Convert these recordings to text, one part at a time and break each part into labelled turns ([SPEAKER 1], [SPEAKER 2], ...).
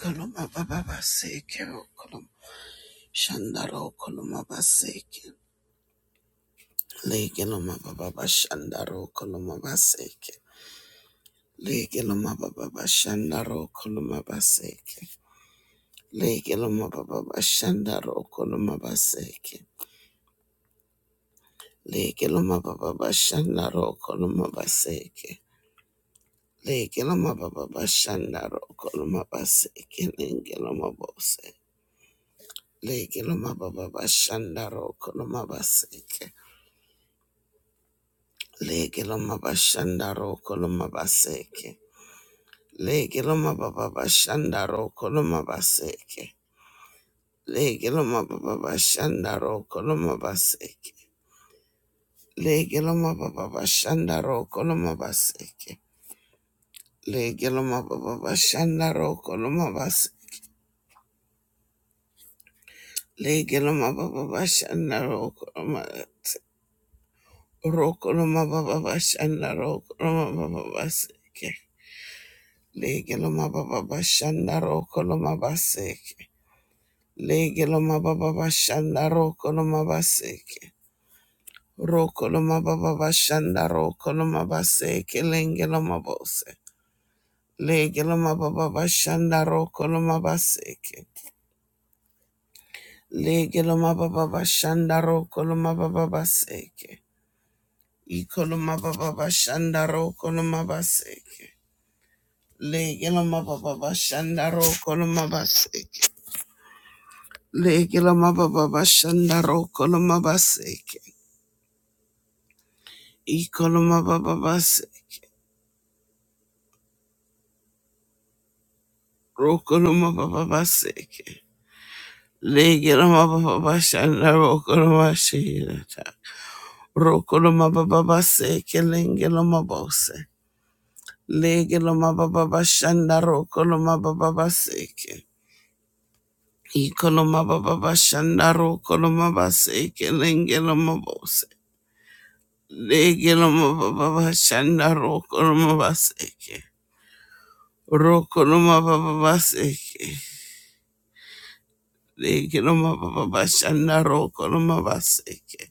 [SPEAKER 1] Koloma baba baseke koloma shandaro koloma baseke lege loma baba bashandaro koloma baseke lege loma baba bashandaro koloma baseke lege loma baba bashandaro koloma baseke lege loma baba bashandaro koloma baseke lege loma baba bashandaro koloma baseke lege loma bose lege loma baba bashandaro koloma baseke Lege loma bashanda roko loma baseke. Lege loma baba bashanda roko loma baseke. Lege loma baba bashanda roko loma baseke. Lege loma baba bashanda roko loma baseke. Lege loma baba bashanda roko loma baseke. Lege loma baba bashanda roko loma roko loma baba bashanda roko loma baba baseke. Lege loma baba bashanda roko loma baseke. Lege lo mababa bashanda roko lo mabaseke. Roko lo mababa bashanda roko lo mabaseke lenge lo mabose. Lege lo mababa bashanda roko lo mabaseke. Lege lo mababa bashanda roko lo mababa baseke. Iko lo mababa bashanda roko lo mabaseke. Lege lo mababa bashanda roko lo mabaseke. Lege lo mababa bashanda roko lo mabaseke. Ikoloma baba Rokoloma Baba Baseke. Legeloma Baba Bashanda rokoloma Shirata. Rokoloma Baba Baseke Lengeloma Bose. Legeloma Baba Bashanda rokoloma Baba Baseke. Ikoloma Rokolomababaseke. Legelomababashanda rokolomashirata. Rokolomababaseke lengelomabose. Legelomababashanda rokolomababaseke. rokoloma rokolomabaseke lengelomabose. Legelomababashanda rokolomabaseke. Rokolomababaseke. rokoloma rokolomabaseke.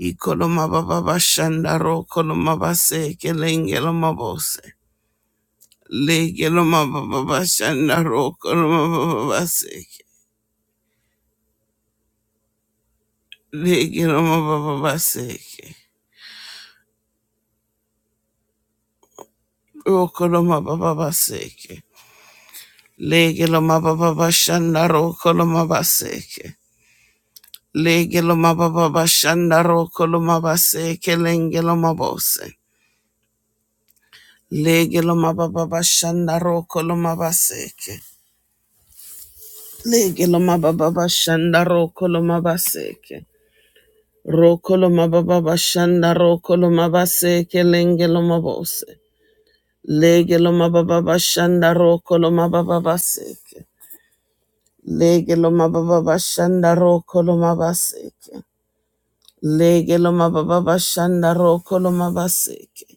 [SPEAKER 1] Ikoloma baba bashanda ro koloma base kelengelo mabose. Legelo mababa bashanda ro koloma baba baseke. Legelo mababa baseke. Ro koloma koloma baseke. Legelo mababa koloma baseke lengelo mabose. Legelo mababa koloma baseke. Lege lo mababa bashanda roko lo mabaseke. Roko lo mababa bashanda roko lo mabaseke lenge lo mabose. Lege lo mababa bashanda roko lo mababa baseke. Lege lo mababa bashanda roko lo mabaseke. Lege lo mababa bashanda roko lo mabaseke.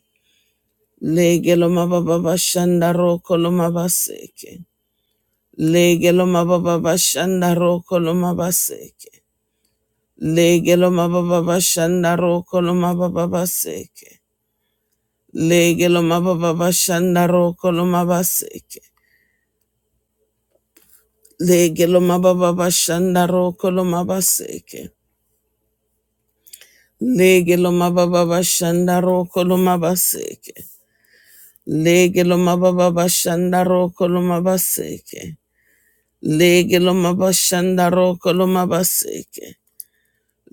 [SPEAKER 1] Lege lo mababa bashanda roko lo mabaseke. Lege lo mababa bashanda roko lo mabaseke. Legelo mababa shanda roko lo mababa seke. Legelo mababa shanda roko lo mababa seke. Legelo mababa shanda roko lo mababa seke. Legelo mababa shanda roko lo mababa seke. Legelo mababa shanda roko lo mababa seke. Legelo mababa shanda roko lo mababa seke.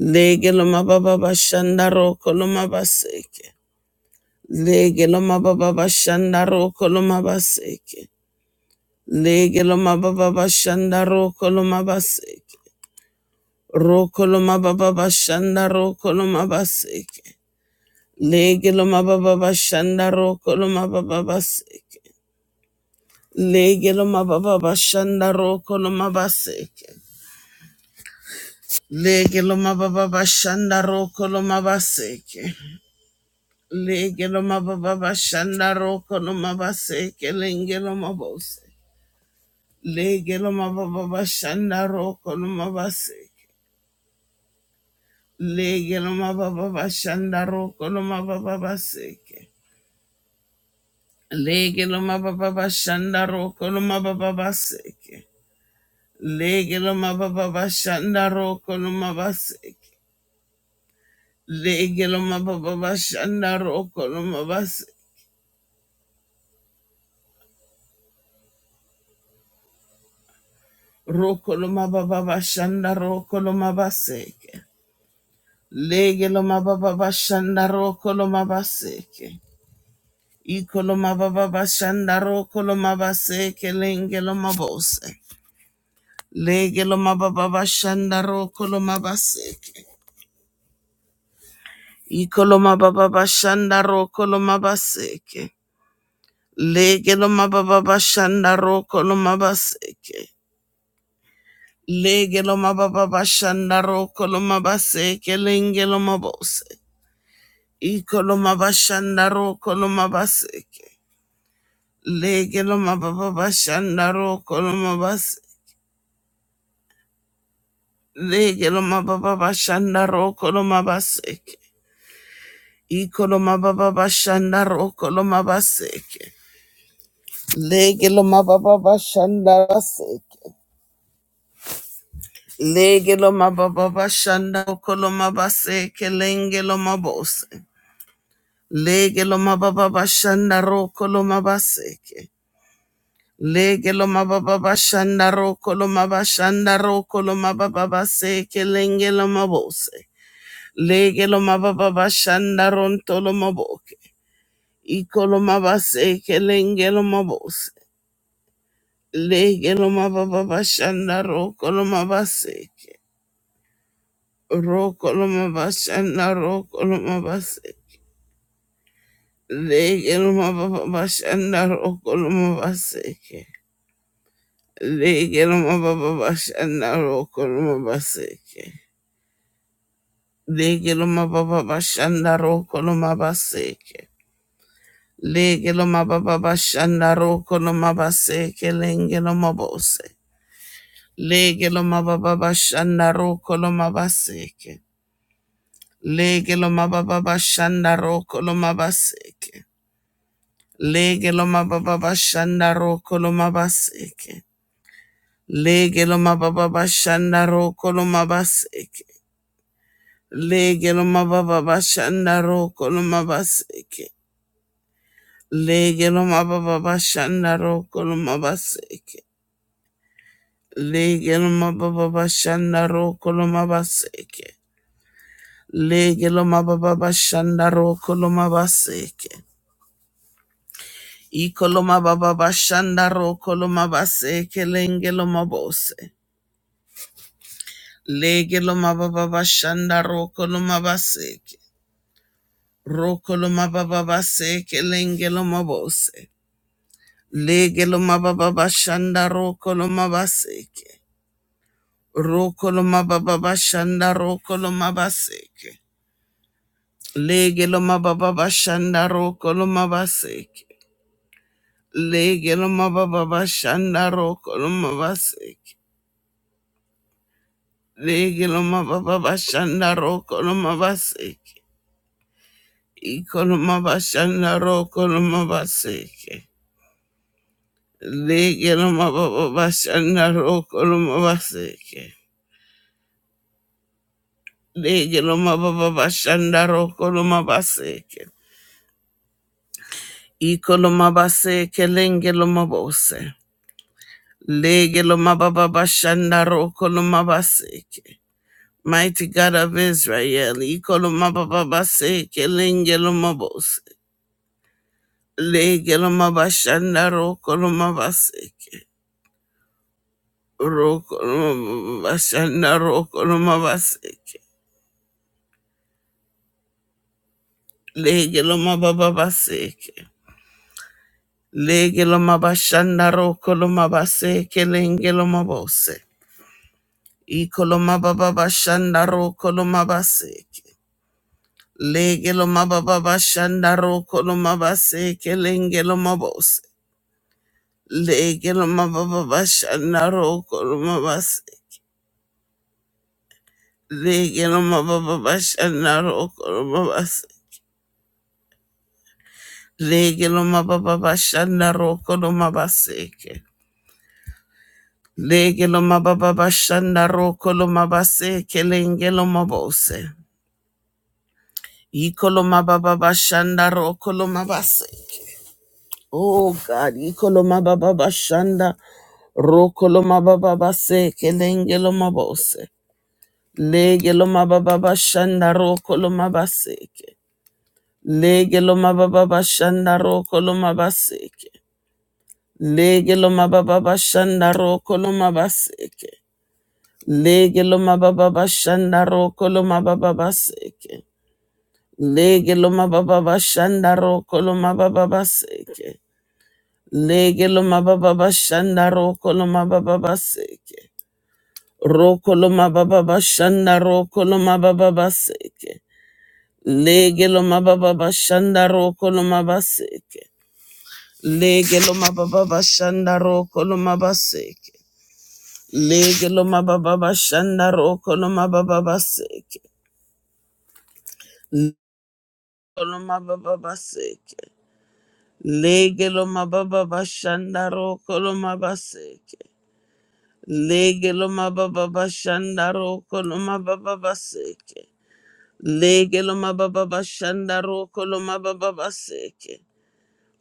[SPEAKER 1] Legelo mababa shanda roko lo mababa seke. Lege loma baba bashanda roko loma baseke. Lege loma baba bashanda roko loma baseke. Roko loma baba bashanda roko loma baseke. Lege loma baba bashanda roko loma baba baseke. Lege loma baba bashanda roko loma baseke. Lege loma baba bashanda roko loma baseke. Lege loma baba bashanda roko loma baseke. Lenge loma bose. Lege loma baba bashanda roko loma baseke. Lege loma baba bashanda roko loma baba seke. Lege loma baba bashanda roko loma baba seke. Lege loma baba bashanda roko loma baseke. Lege loma baba bashanda roko loma baseke. Roko loma baba bashanda roko loma baseke. Lege loma baba bashanda roko loma baseke. Ikolomababa shandaro kolomaba se kelengelo mabose. Legelo mababa shandaro kolomaba seke. Ikolomababa shandaro kolomaba seke. Legelo mababa shandaro kolomaba seke. Legelo mababa shandaro kolomaba seke lengelo mabose. Ikolomaba shandaro kolomaba seke. Legelo mababa shandaro kolomaba Legeloma baba bashanda rokoloma baseke. Ikoloma baba bashanda rokoloma baseke. Legeloma baba bashanda baseke. Legeloma baba bashanda rokoloma baseke. Lengeloma bose. Legeloma baba bashanda rokoloma baseke. Legeloma baba bashanda rokoloma bashanda rokoloma baba baseke. Lengeloma bose. Legeloma baba bashanda rontoloma Ikolomabase kelengelomabose. Legelomabababashanda rokolomabase. Rokolomabashanda rokolomabase. Legelomabababashanda rokolomabase. Legelomabababashanda rokolomabase. Legelomabababashanda rokolomabase. Legelomabababashanda rokolomabase kelengelomabose. Lege lo mababa shanda roko lo mabaseke. Lege lo mababa shanda roko lo mabaseke. Lege lo mababa shanda roko lo mabaseke. Lege lo mababa shanda roko lo mabaseke. Lege lo mababa shanda roko lo mabaseke. Lege lo mababa shanda roko lo mabaseke. Lege lo mababa shanda roko lo mabaseke. Lege loma baba bashanda roko loma baseke. Iko loma baba bashanda roko loma baseke lenge loma bose. Lege loma baba bashanda roko loma baseke. Roko loma baba baseke lenge loma bose. Lege loma baba bashanda roko koloma baseke. Roko baba bashanda roko loma baseke. Lege baba bashanda roko loma baseke. Legeloma baba bashanda roko loma baseke. Legeloma baba bashanda roko loma baseke. Ikoloma bashanda roko loma baseke. Legeloma baba bashanda roko loma baseke. Legeloma baba bashanda roko loma baseke. Ikoloma baseke lengeloma bose. Legeloma baba bashanda roko loma baseke. Mighty God of Israel, Ikolomababase, Kelengelomabos, Legelomabashanda, Rokolomabaseke, Rokolomabashanda, Rokolomabaseke, Legelomababaseke, Legelomabashanda, Rokolomabaseke, Lengelomabose, Ikolomababashanda, Rokolomabaseke, Legelomababashanda, Rokolomabaseke, Lengelomabose, Lege no mababa bashana roko no mabase. Lege no mababa bashana roko no mabase. Lege no mababa bashana roko no mabaseke. Lege no mababa bashana roko no mabaseke lenge no mabose. Iko lo mababa bashanda roko lo mabase. Oh God, iko lo mababa bashanda roko lo mababa baseke lenge lo mabose. Lege lo mababa bashanda roko lo mabaseke. Lege lo mababa bashanda roko lo mabaseke. Lege lo mababa bashanda roko lo mabaseke. Lege lo mababa bashanda roko lo mababa baseke. Lege lo mababa bashanda roko lo mababa baseke. Lege lo mababa bashanda roko lo mababa baseke. Roko lo mababa bashanda roko lo mababa baseke. Legelo mababa bashanda roko lo mabaseke. Lege mababa bashanda roko lo mabaseke. Lege mababa bashanda roko lo mababa baseke. Lege mababa baseke. Lege lo mababa bashanda roko lo mabaseke. Lege mababa bashanda roko lo mababa baseke. Lege mababa bashanda roko lo mababa baseke.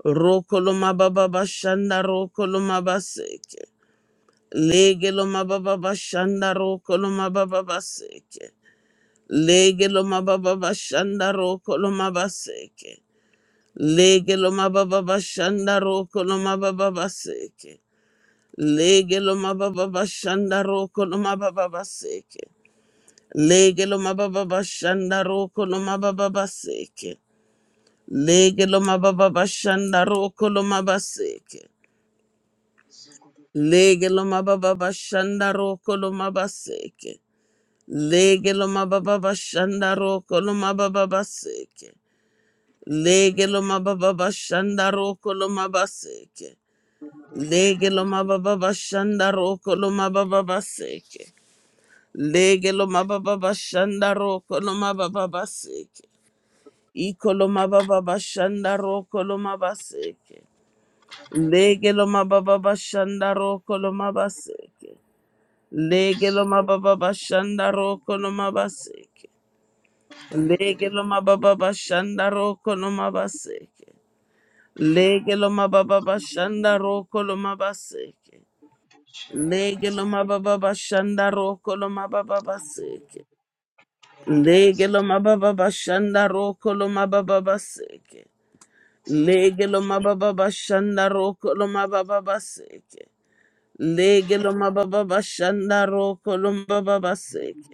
[SPEAKER 1] Rokoloma baba bashanda rokoloma baseke. Lege loma baba bashanda rokoloma baba baseke. Lege loma baba bashanda rokoloma baseke. Lege loma baba bashanda rokoloma baba baseke. Lege loma baba bashanda rokoloma baba baseke. Lege loma baba bashanda rokoloma baba baseke. Lege loma baba bashanda rokoloma baseke. Lege lo mababa bashanda roko lo mabaseke. Lege lo mababa bashanda roko lo mababa baseke. Lege lo mababa bashanda roko lo mabaseke. Lege lo mababa bashanda roko lo mababa baseke. Lege lo mababa bashanda roko lo mababa baseke. Iko lo mababa bashanda roko lo mabaseke. Lege lo mababa bashanda roko lo mabaseke. Lege lo mababa bashanda roko no mabaseke. Lege lo mababa bashanda roko no mabaseke. Lege lo mababa bashanda roko lo mabaseke. Lege lo mababa bashanda roko lo mababa baseke. Lege lo mababa bashanda roko lo mababa baseke. Lege lo mababa bashanda roko lo mababa baseke. Lege lo mababa bashanda roko lo mababa baseke.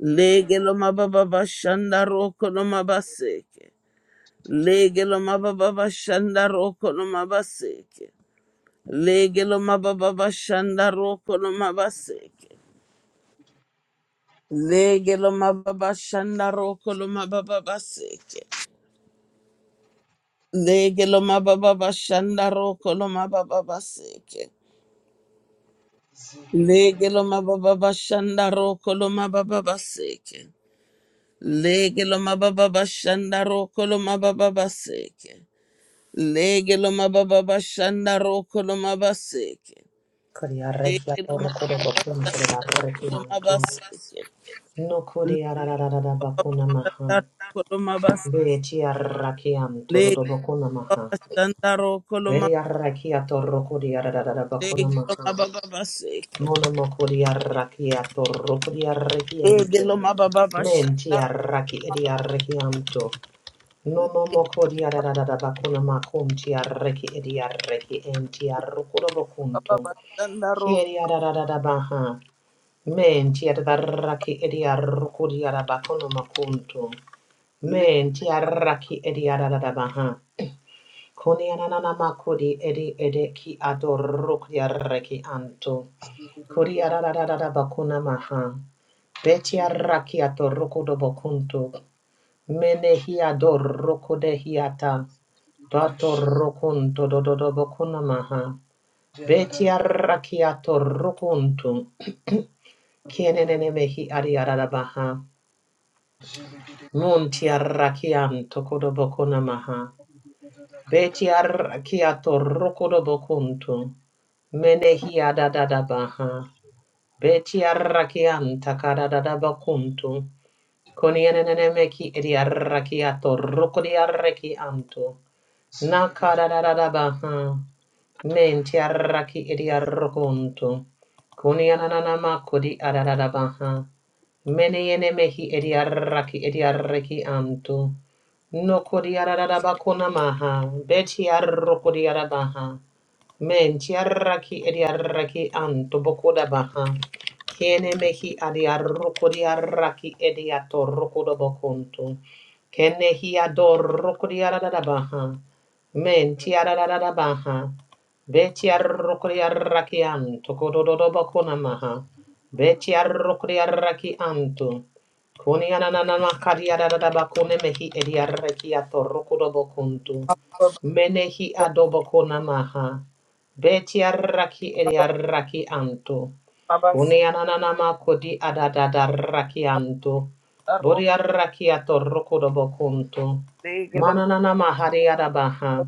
[SPEAKER 1] Lege lo mababa bashanda roko no mabaseke. Lege lo mababa bashanda roko no mabaseke. Lege lo mababa bashanda roko no mabaseke. Lege lo mababa shanda roko lo mababa baseke. Lege lo mababa bashanda roko lo mababa baseke. Lege lo mababa bashanda roko lo mababa baseke. Lege lo mababa bashanda roko lo mababa baseke. Lege lo mababa bashanda roko lo mabaseke.
[SPEAKER 2] Kuriarrekia
[SPEAKER 1] Lege lo
[SPEAKER 2] torukuro
[SPEAKER 1] mababa bashanda
[SPEAKER 2] bokunto
[SPEAKER 1] roko lo
[SPEAKER 2] darrekianto.
[SPEAKER 1] mabaseke. Lege
[SPEAKER 2] Nukuriarararara bakuna maha.
[SPEAKER 1] lo
[SPEAKER 2] Betiarrakianto dodo bakuna maha.
[SPEAKER 1] bashanda roko lo mab.
[SPEAKER 2] Veriarrakia torukuriararara bakuna
[SPEAKER 1] Lege lo
[SPEAKER 2] maha.
[SPEAKER 1] mababa baseke.
[SPEAKER 2] Monomokuriarrakia
[SPEAKER 1] Lege
[SPEAKER 2] torukuriarrekiente.
[SPEAKER 1] lo mababa bashanda roko.
[SPEAKER 2] Mentiarraki ediarrekianto.
[SPEAKER 1] lo
[SPEAKER 2] Nonomokuriararara bakuna makuntiarreki ediarreki entiarrukuro bokunto.
[SPEAKER 1] mababa bashanda roko. Lege
[SPEAKER 2] Kiriararara baha. Men tiadaraki ediarukuriara bakono makuntu. Men tiaraki ediarada baha. Kunianana makudi edi edeki adorukriareki anto. Kuriarada bakuna maha. Betiaraki atorukudo bokuntu. Menehi adorukude hiata. Bato rukunto dododo bokuna maha. Betiaraki atorukuntu. Kienene mehi adiarada baha. Mun ti arrakian tokodo bokona maha. Beti arrakiato rokodo bokuntu. Menehi adadada baha. Beti arrakian takadadada bokuntu. Konienene meki edi arrakiato rokodi arrakianto. Nakadadada baha. Menti arraki edi arrokuntu. Konianana makodi adadada baha. Mene yene mehi ediaraki ediaraki anto. No kodiarada bakuna maha. Betiaroko diarabaha. Men tiaraki ediaraki anto bokoda baha. Kene mehi adi arroko di adiaroko diaraki ediato do bokonto. Kene hi adoroko diarada baha. Men tiarada baha. Betiaroko diaraki anto kododo do bokona maha. Betiaroko diaraki anto. Koni ananana makadiarada bakone mehi ediaraki ato do bokonto. Menehi adobokona maha. Beti arraki eri arraki anto. Kuni ananama kodi adadada raki anto. Bori arraki atorroko dobo kunto.
[SPEAKER 1] Lege lo
[SPEAKER 2] Manananama hari adabaha.
[SPEAKER 1] mababa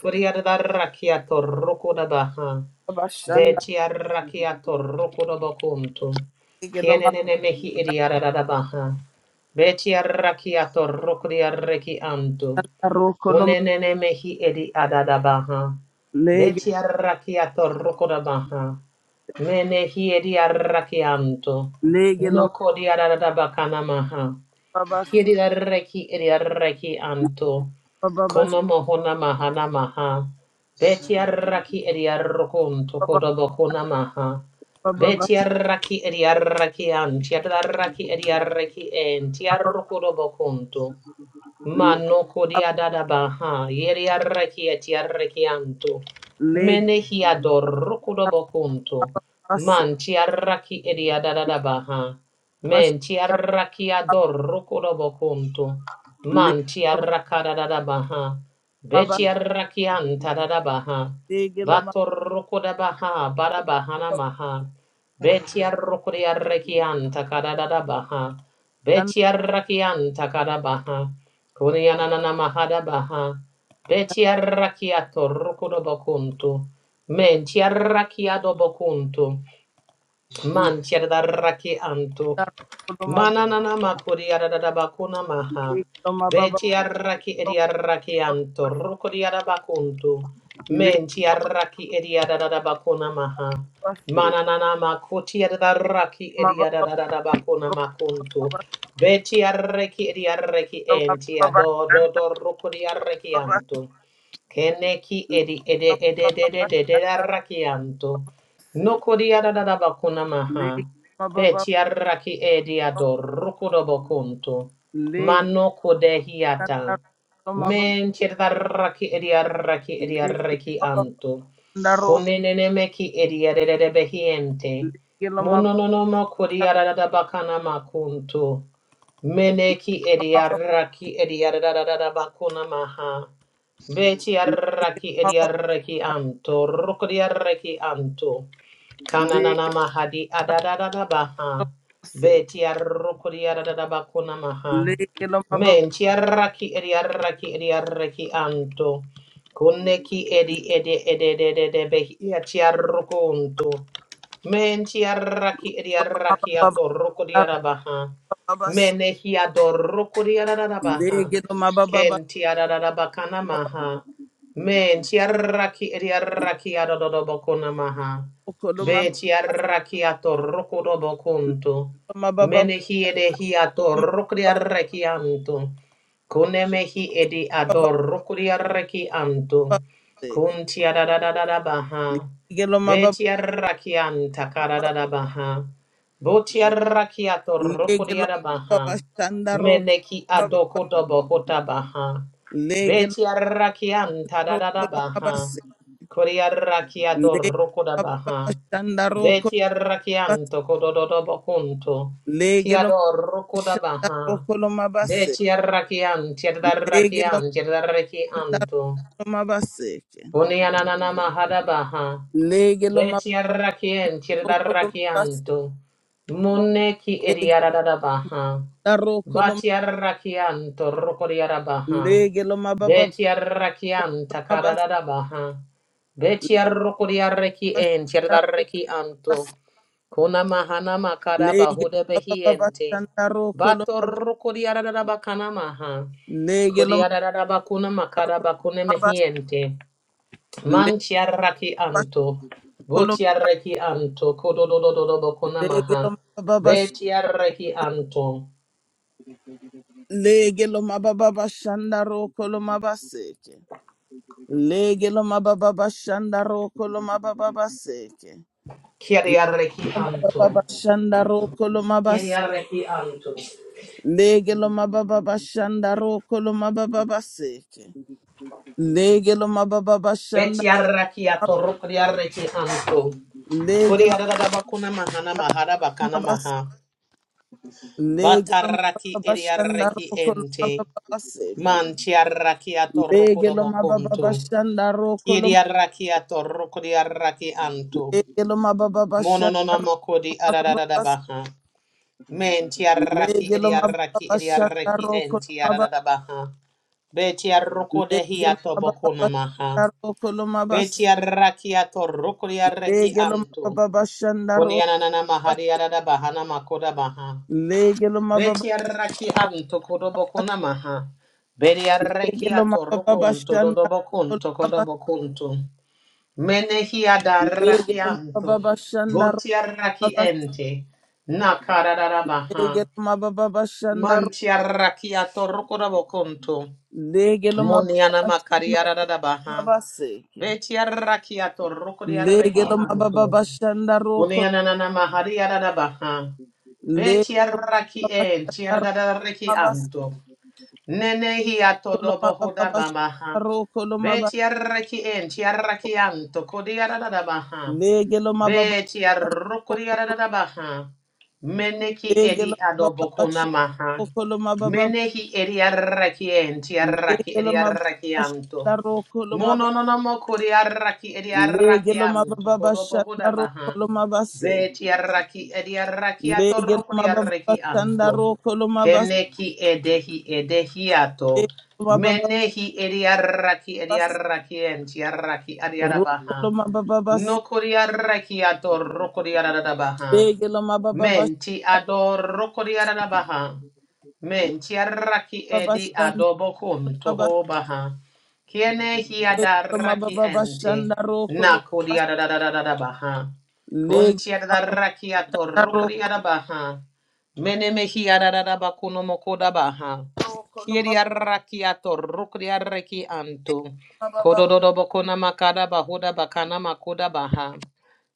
[SPEAKER 2] Kuri adarraki atorroko dabaha. Beti arraki atorroko dobo kunto.
[SPEAKER 1] lege lo mababa
[SPEAKER 2] Kienenene mehi
[SPEAKER 3] Thank
[SPEAKER 2] eri adadabaha. Beti arraki atorroko di arreki anto.
[SPEAKER 1] roko
[SPEAKER 2] Unenene mehi edi adadabaha.
[SPEAKER 1] Lege
[SPEAKER 2] Beti arrakiato rukodabaha. Menehi edi arrakianto.
[SPEAKER 1] lege lo
[SPEAKER 2] Noko di adadabakanamaha.
[SPEAKER 1] mababa
[SPEAKER 2] Kiri arreki edi arreki anto.
[SPEAKER 1] Leg,
[SPEAKER 2] Kono mohona mahana maha. Beti arraki edi arrokonto kodabokona maha. Beti arraki edi arraki anti. Adarraki edi arraki enti arrokodobokonto. Mano kodia dada baha, yeri arreki et yarrekianto. Menehi ador rukudo bokunto. Man ti arraki edia dada da baha. Men ti arraki ador rukudo bokunto. Man ti arraka dada da baha. Beti arrakianta dada baha. Bator rukuda baha, bada bahana maha. Beti arrukudi arrekianta kada dada baha. Beti arrakianta kada baha. Kunianana mahada baha. Betiarrakiato rukudo bokuntu. Mentiarrakiado bokuntu. Mantiarrakianto. Mananana makuri arada bakuna maha. Beti arraki edi arraki anto. Rukuri arabakuntu. Menti arraki edi arada bakuna maha. Mananana makuti arraki edi arada bakuna makuntu. Beti arraki eri arraki enti ado do do rukuri arraki anto. Keneki edi ede ede de de de de arraki anto. Nokuri arada bakuna maha. Betiaraki ediado rukudobo kuntu. Mano kudehiata. Men chiedaraki ediaraki ediaraki antu. Kunenemeki ediarede behiente. Munononomo kudiarada bakana makuntu. Meneki
[SPEAKER 1] Legelo
[SPEAKER 2] ediaraki ediarada bakuna maha. Betiaraki ediaraki antu. Rukudiaraki antu.
[SPEAKER 1] Legelo
[SPEAKER 2] Kananana mahadi adadadada baha. Beti arrukuri adadada bakuna maha. Men tiarraki edi arraki edi arraki anto. Kunneki edi edi edi edi edi edi behi tiarrukunto. Men tiarraki edi arraki ato rukuri adabaha. Menehi adorrukuri adadabaha. Ken tiarada bakana maha. Men tiarraki edi arraki adadada bakuna maha. Beti arrakiato rokodobo kunto. Menehi edehi ato rokri arrakianto. Kunemehi edi ador rokri arrakianto. Kunti adadadada baha. Beti arrakianta karadada baha. Boti arrakiato rokri arabaha. Meneki adokodobo hota baha. Beti arrakianta dadada baha. Kuri arrakiado rokoda baha. Beti arrakianto kodododo bokunto. Kiado rukuda baha.
[SPEAKER 1] Legelo
[SPEAKER 2] Beti arrakianti arrakianti arrakianto.
[SPEAKER 1] mabaseke
[SPEAKER 2] Unianana mahada baha.
[SPEAKER 1] lege lo
[SPEAKER 2] Beti
[SPEAKER 1] mababoko
[SPEAKER 2] arrakianti
[SPEAKER 1] lo
[SPEAKER 2] arrakianto. Munne ki
[SPEAKER 1] lege lo
[SPEAKER 2] ediarada baha.
[SPEAKER 1] madaroko
[SPEAKER 2] Bati arrakianto rukuriara baha.
[SPEAKER 1] lege lo mababoko
[SPEAKER 2] Beti
[SPEAKER 1] lo
[SPEAKER 2] arrakianta
[SPEAKER 1] mabase
[SPEAKER 2] karada baha. Beti arrukuriareki enti
[SPEAKER 1] daroko
[SPEAKER 2] arrakianto. Kona mahana makara
[SPEAKER 1] lege
[SPEAKER 2] bahuda
[SPEAKER 1] lo mababoko
[SPEAKER 2] behiente.
[SPEAKER 1] daroko
[SPEAKER 2] Bato rukuriara bakana maha.
[SPEAKER 1] lege lo
[SPEAKER 2] Kuriara bakuna makara
[SPEAKER 1] madaroko
[SPEAKER 2] bakune mehiente.
[SPEAKER 1] lege
[SPEAKER 2] Manchiaraki
[SPEAKER 1] basoko
[SPEAKER 2] anto.
[SPEAKER 1] lo
[SPEAKER 2] Botiaraki anto. Kododododo bakuna
[SPEAKER 1] lege lo
[SPEAKER 2] maha.
[SPEAKER 1] mabababa
[SPEAKER 2] Betiaraki anto.
[SPEAKER 1] lege lo mabababa shandaroko lege lo mabababa shandaroko lo
[SPEAKER 2] Kiriaraki anto.
[SPEAKER 1] Mababa Shanda Roko Lomabas
[SPEAKER 2] Kiriaraki anto.
[SPEAKER 1] Legelo mababa Bashanda Roko mababa Baseke Legelo mababa Bashanda
[SPEAKER 2] Betiaraki ato rukuriaraki anto.
[SPEAKER 1] Lege
[SPEAKER 2] Kuriara bakuna mahana mahara bakana
[SPEAKER 1] Lomabas
[SPEAKER 2] maha.
[SPEAKER 1] Legelo mababa
[SPEAKER 2] Bataraki
[SPEAKER 1] Bashanda
[SPEAKER 2] eriaraki
[SPEAKER 1] Roko
[SPEAKER 2] ente.
[SPEAKER 1] Lomababa Baseke
[SPEAKER 2] Mantiaraki
[SPEAKER 1] Lege Lomababa
[SPEAKER 2] atorokodobokuntu.
[SPEAKER 1] Bashanda Roko Lom
[SPEAKER 2] Kiriaraki atorokodiaraki antu.
[SPEAKER 1] Lege Bashanda
[SPEAKER 2] Monononomokodi
[SPEAKER 1] Roko Lomababa Bas
[SPEAKER 2] arararabaha. Mentiaraki
[SPEAKER 1] Legelo mababa
[SPEAKER 2] eriaraki
[SPEAKER 1] Bashanda
[SPEAKER 2] eriaraki
[SPEAKER 1] Roko
[SPEAKER 2] enti
[SPEAKER 1] Lomababa
[SPEAKER 2] arararabaha. Betiarokodehi
[SPEAKER 1] Legelo mababa
[SPEAKER 2] atobokonamaha.
[SPEAKER 1] Bashanda Roko Lomabas
[SPEAKER 2] Betiaraki atorokodiaraki
[SPEAKER 1] Lege
[SPEAKER 2] antu.
[SPEAKER 1] Lomababa Bashanda
[SPEAKER 2] Konianana mahari ararabahana makodabaha.
[SPEAKER 1] Legelo mababa
[SPEAKER 2] Beti arraki anto kodobokuna maha. Beri arraki
[SPEAKER 1] legelo
[SPEAKER 2] ato
[SPEAKER 1] mababa
[SPEAKER 2] rukunto
[SPEAKER 1] bashanda
[SPEAKER 2] dodobokunto
[SPEAKER 1] mababa
[SPEAKER 2] kodobokunto. Menehi adarraki
[SPEAKER 1] legelo mababa
[SPEAKER 2] anto.
[SPEAKER 1] bashanda
[SPEAKER 2] Boti arraki
[SPEAKER 1] mababa
[SPEAKER 2] ente. Nakararara maha.
[SPEAKER 1] legelo mababa shanda
[SPEAKER 2] Manti arraki ato rukudobokunto.
[SPEAKER 1] legelo mababa
[SPEAKER 2] Muniana makari
[SPEAKER 1] bashanda
[SPEAKER 2] ararara maha.
[SPEAKER 1] mababa seke
[SPEAKER 2] Beti arraki ato rukudi arraki
[SPEAKER 1] legelo mababa
[SPEAKER 2] anto.
[SPEAKER 1] bashanda roko
[SPEAKER 2] Uniana nana mahari ararara maha. Beti
[SPEAKER 1] legelo
[SPEAKER 2] arraki
[SPEAKER 1] mababa
[SPEAKER 2] ente
[SPEAKER 1] bashanda
[SPEAKER 2] ararara reki
[SPEAKER 1] mababa
[SPEAKER 2] anto. Nene hi
[SPEAKER 1] kolo
[SPEAKER 2] atodobo
[SPEAKER 1] mababa
[SPEAKER 2] hoda babaha.
[SPEAKER 1] bashanda roko lo mababa
[SPEAKER 2] Betiaraki en tiaraki anto kodiarada baha.
[SPEAKER 1] legelo mababa
[SPEAKER 2] Beti
[SPEAKER 1] bashanda roko
[SPEAKER 2] arrokuriaradabaha. Meneki
[SPEAKER 1] legelo
[SPEAKER 2] edi
[SPEAKER 1] mababa shanda
[SPEAKER 2] adobokona maha. Menehi edi arrakienti
[SPEAKER 1] Lege
[SPEAKER 2] arraki edi arrakianto. Mono no no mo kuri arraki edi arrakianto. Kodobo hudabaha. Beti
[SPEAKER 3] you.
[SPEAKER 2] arraki edi arrakiato rokuri arrakianto.
[SPEAKER 3] Thank
[SPEAKER 2] Keneki edehi edehiato. Menehi edi arraki edi arrakienti arraki edi arabaha. No koriaraki ato rokoriarada baha. Menti adoro kodiara da baha. Menti arraki edi adobo kun toho baha. Kiene hi adaraki ente. Na kodiara da da da da da baha. Kunti adaraki atoro kodiara baha. Mene mehi adarada bakuno mokoda baha. Kiedi arraki atoro kodiara reki anto. Kodododo bokona makada bahoda bakana makoda baha.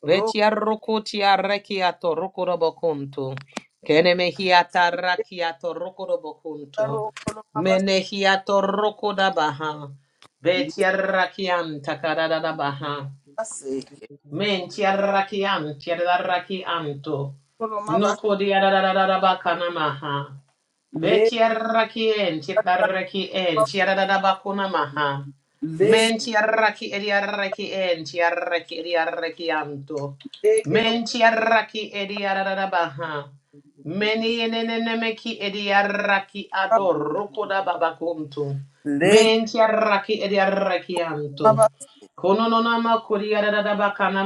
[SPEAKER 2] Vetia rukutia rekiato rukuro bokuntu. Kene mehiata rakiato rukuro bokuntu. Mene hiato rukuda baha. Vetia rakianta karada baha. Mentia rakiantia rakianto. Nukudia da da da da bakana maha. Betiaraki en, tiaraki en, tiaradabakuna maha. Men tiaraki ediaraki en, tiaraki ediaraki anto.
[SPEAKER 1] Lege lo
[SPEAKER 2] Men tiaraki ediaradabaha. Meni enenemeki ediaraki
[SPEAKER 1] baba-
[SPEAKER 2] adorokoda babakuntu.
[SPEAKER 1] lege
[SPEAKER 2] Men tiaraki ediaraki anto.
[SPEAKER 1] baba-
[SPEAKER 2] Konononama kuriaradabakana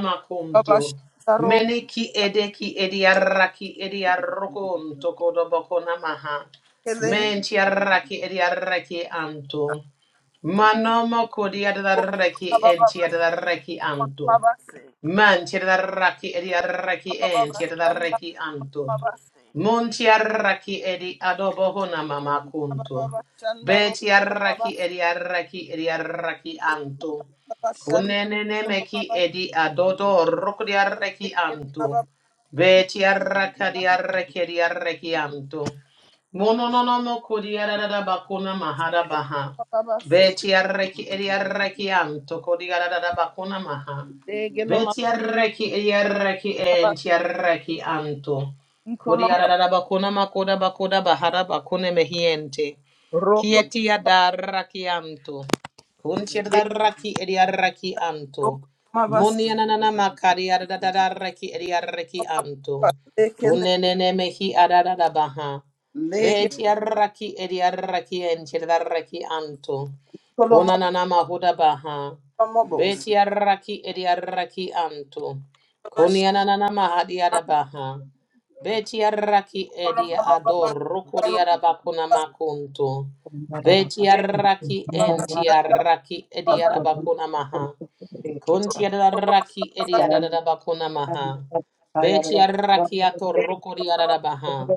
[SPEAKER 1] baba
[SPEAKER 2] makunto.
[SPEAKER 1] shandaro,
[SPEAKER 2] Meni ki edeki ediaraki ediarokunto kodobokona maha.
[SPEAKER 1] kelenge
[SPEAKER 2] Menti arraki edi arraki anto. Manomo kodi
[SPEAKER 1] bokolo
[SPEAKER 2] adaraki
[SPEAKER 1] baba- baba
[SPEAKER 2] enti
[SPEAKER 1] shandaro,
[SPEAKER 2] adaraki
[SPEAKER 1] bokolo
[SPEAKER 2] anto.
[SPEAKER 1] baba se.
[SPEAKER 2] Man tiadaraki ediaraki
[SPEAKER 1] Baba-
[SPEAKER 2] en
[SPEAKER 1] baba shandaro,
[SPEAKER 2] tiadaraki anto.
[SPEAKER 1] baba se.
[SPEAKER 2] Mon tiaraki edi adobo hona mama
[SPEAKER 1] Baba-
[SPEAKER 2] kunto.
[SPEAKER 1] baba
[SPEAKER 2] Be
[SPEAKER 1] shandaro, bokolo baba
[SPEAKER 2] tiaraki
[SPEAKER 1] se.
[SPEAKER 2] ediaraki ediaraki anto.
[SPEAKER 1] Baba shandaro,
[SPEAKER 2] Kunenene
[SPEAKER 1] bokolo
[SPEAKER 2] meki
[SPEAKER 1] baba se.
[SPEAKER 2] edi adodo
[SPEAKER 3] you.
[SPEAKER 2] rokodiaraki
[SPEAKER 3] Zagadagada,
[SPEAKER 2] anto.
[SPEAKER 1] Baba, Baba,
[SPEAKER 2] Be tiaraka
[SPEAKER 1] baba- baba-
[SPEAKER 2] diaraki ediaraki anto. Mono no no mo kodiarada bakuna mahara baha.
[SPEAKER 1] baba- baba
[SPEAKER 2] Be
[SPEAKER 1] se.
[SPEAKER 2] tiaraki ediaraki anto kodiarada bakuna maha.
[SPEAKER 1] Lege lo ma-
[SPEAKER 2] Beti yarreki e yarreki
[SPEAKER 1] baba-
[SPEAKER 2] enti yarreki anto. Kuri
[SPEAKER 1] ikolo ma-
[SPEAKER 2] ararara bakuna makoda bakoda bahara bakune mehiente.
[SPEAKER 1] roko
[SPEAKER 2] Kieti adaraki anto. Kunti
[SPEAKER 1] de-
[SPEAKER 2] adaraki ediaraki anto.
[SPEAKER 1] roko ma- baba se.
[SPEAKER 2] Muni ananana makari adadaraki ediaraki anto.
[SPEAKER 1] Baba se kele-
[SPEAKER 2] Kunenene mehi adadabaha.
[SPEAKER 1] lege
[SPEAKER 2] Beti araki ediaraki enti adaraki anto.
[SPEAKER 1] kolo ma-
[SPEAKER 2] Kunanana mahuda baha.
[SPEAKER 1] baba- baba se.
[SPEAKER 2] Beti araki ediaraki anto.
[SPEAKER 1] Baba
[SPEAKER 2] Kuni ananana mahadi
[SPEAKER 1] shandaro,
[SPEAKER 2] adabaha. Beti araki
[SPEAKER 1] bokolo
[SPEAKER 2] edi
[SPEAKER 1] ma- baba- baba
[SPEAKER 2] ador rokodi
[SPEAKER 1] shandaro,
[SPEAKER 2] adabakuna
[SPEAKER 1] baba
[SPEAKER 2] makunto.
[SPEAKER 4] Thank
[SPEAKER 2] Vetiaraki entiaraki
[SPEAKER 1] se.
[SPEAKER 2] ediarabakuna maha.
[SPEAKER 1] Legelo
[SPEAKER 2] Kuntiaraki ediarabakuna maha. Vetiaraki atoroko diarabaha.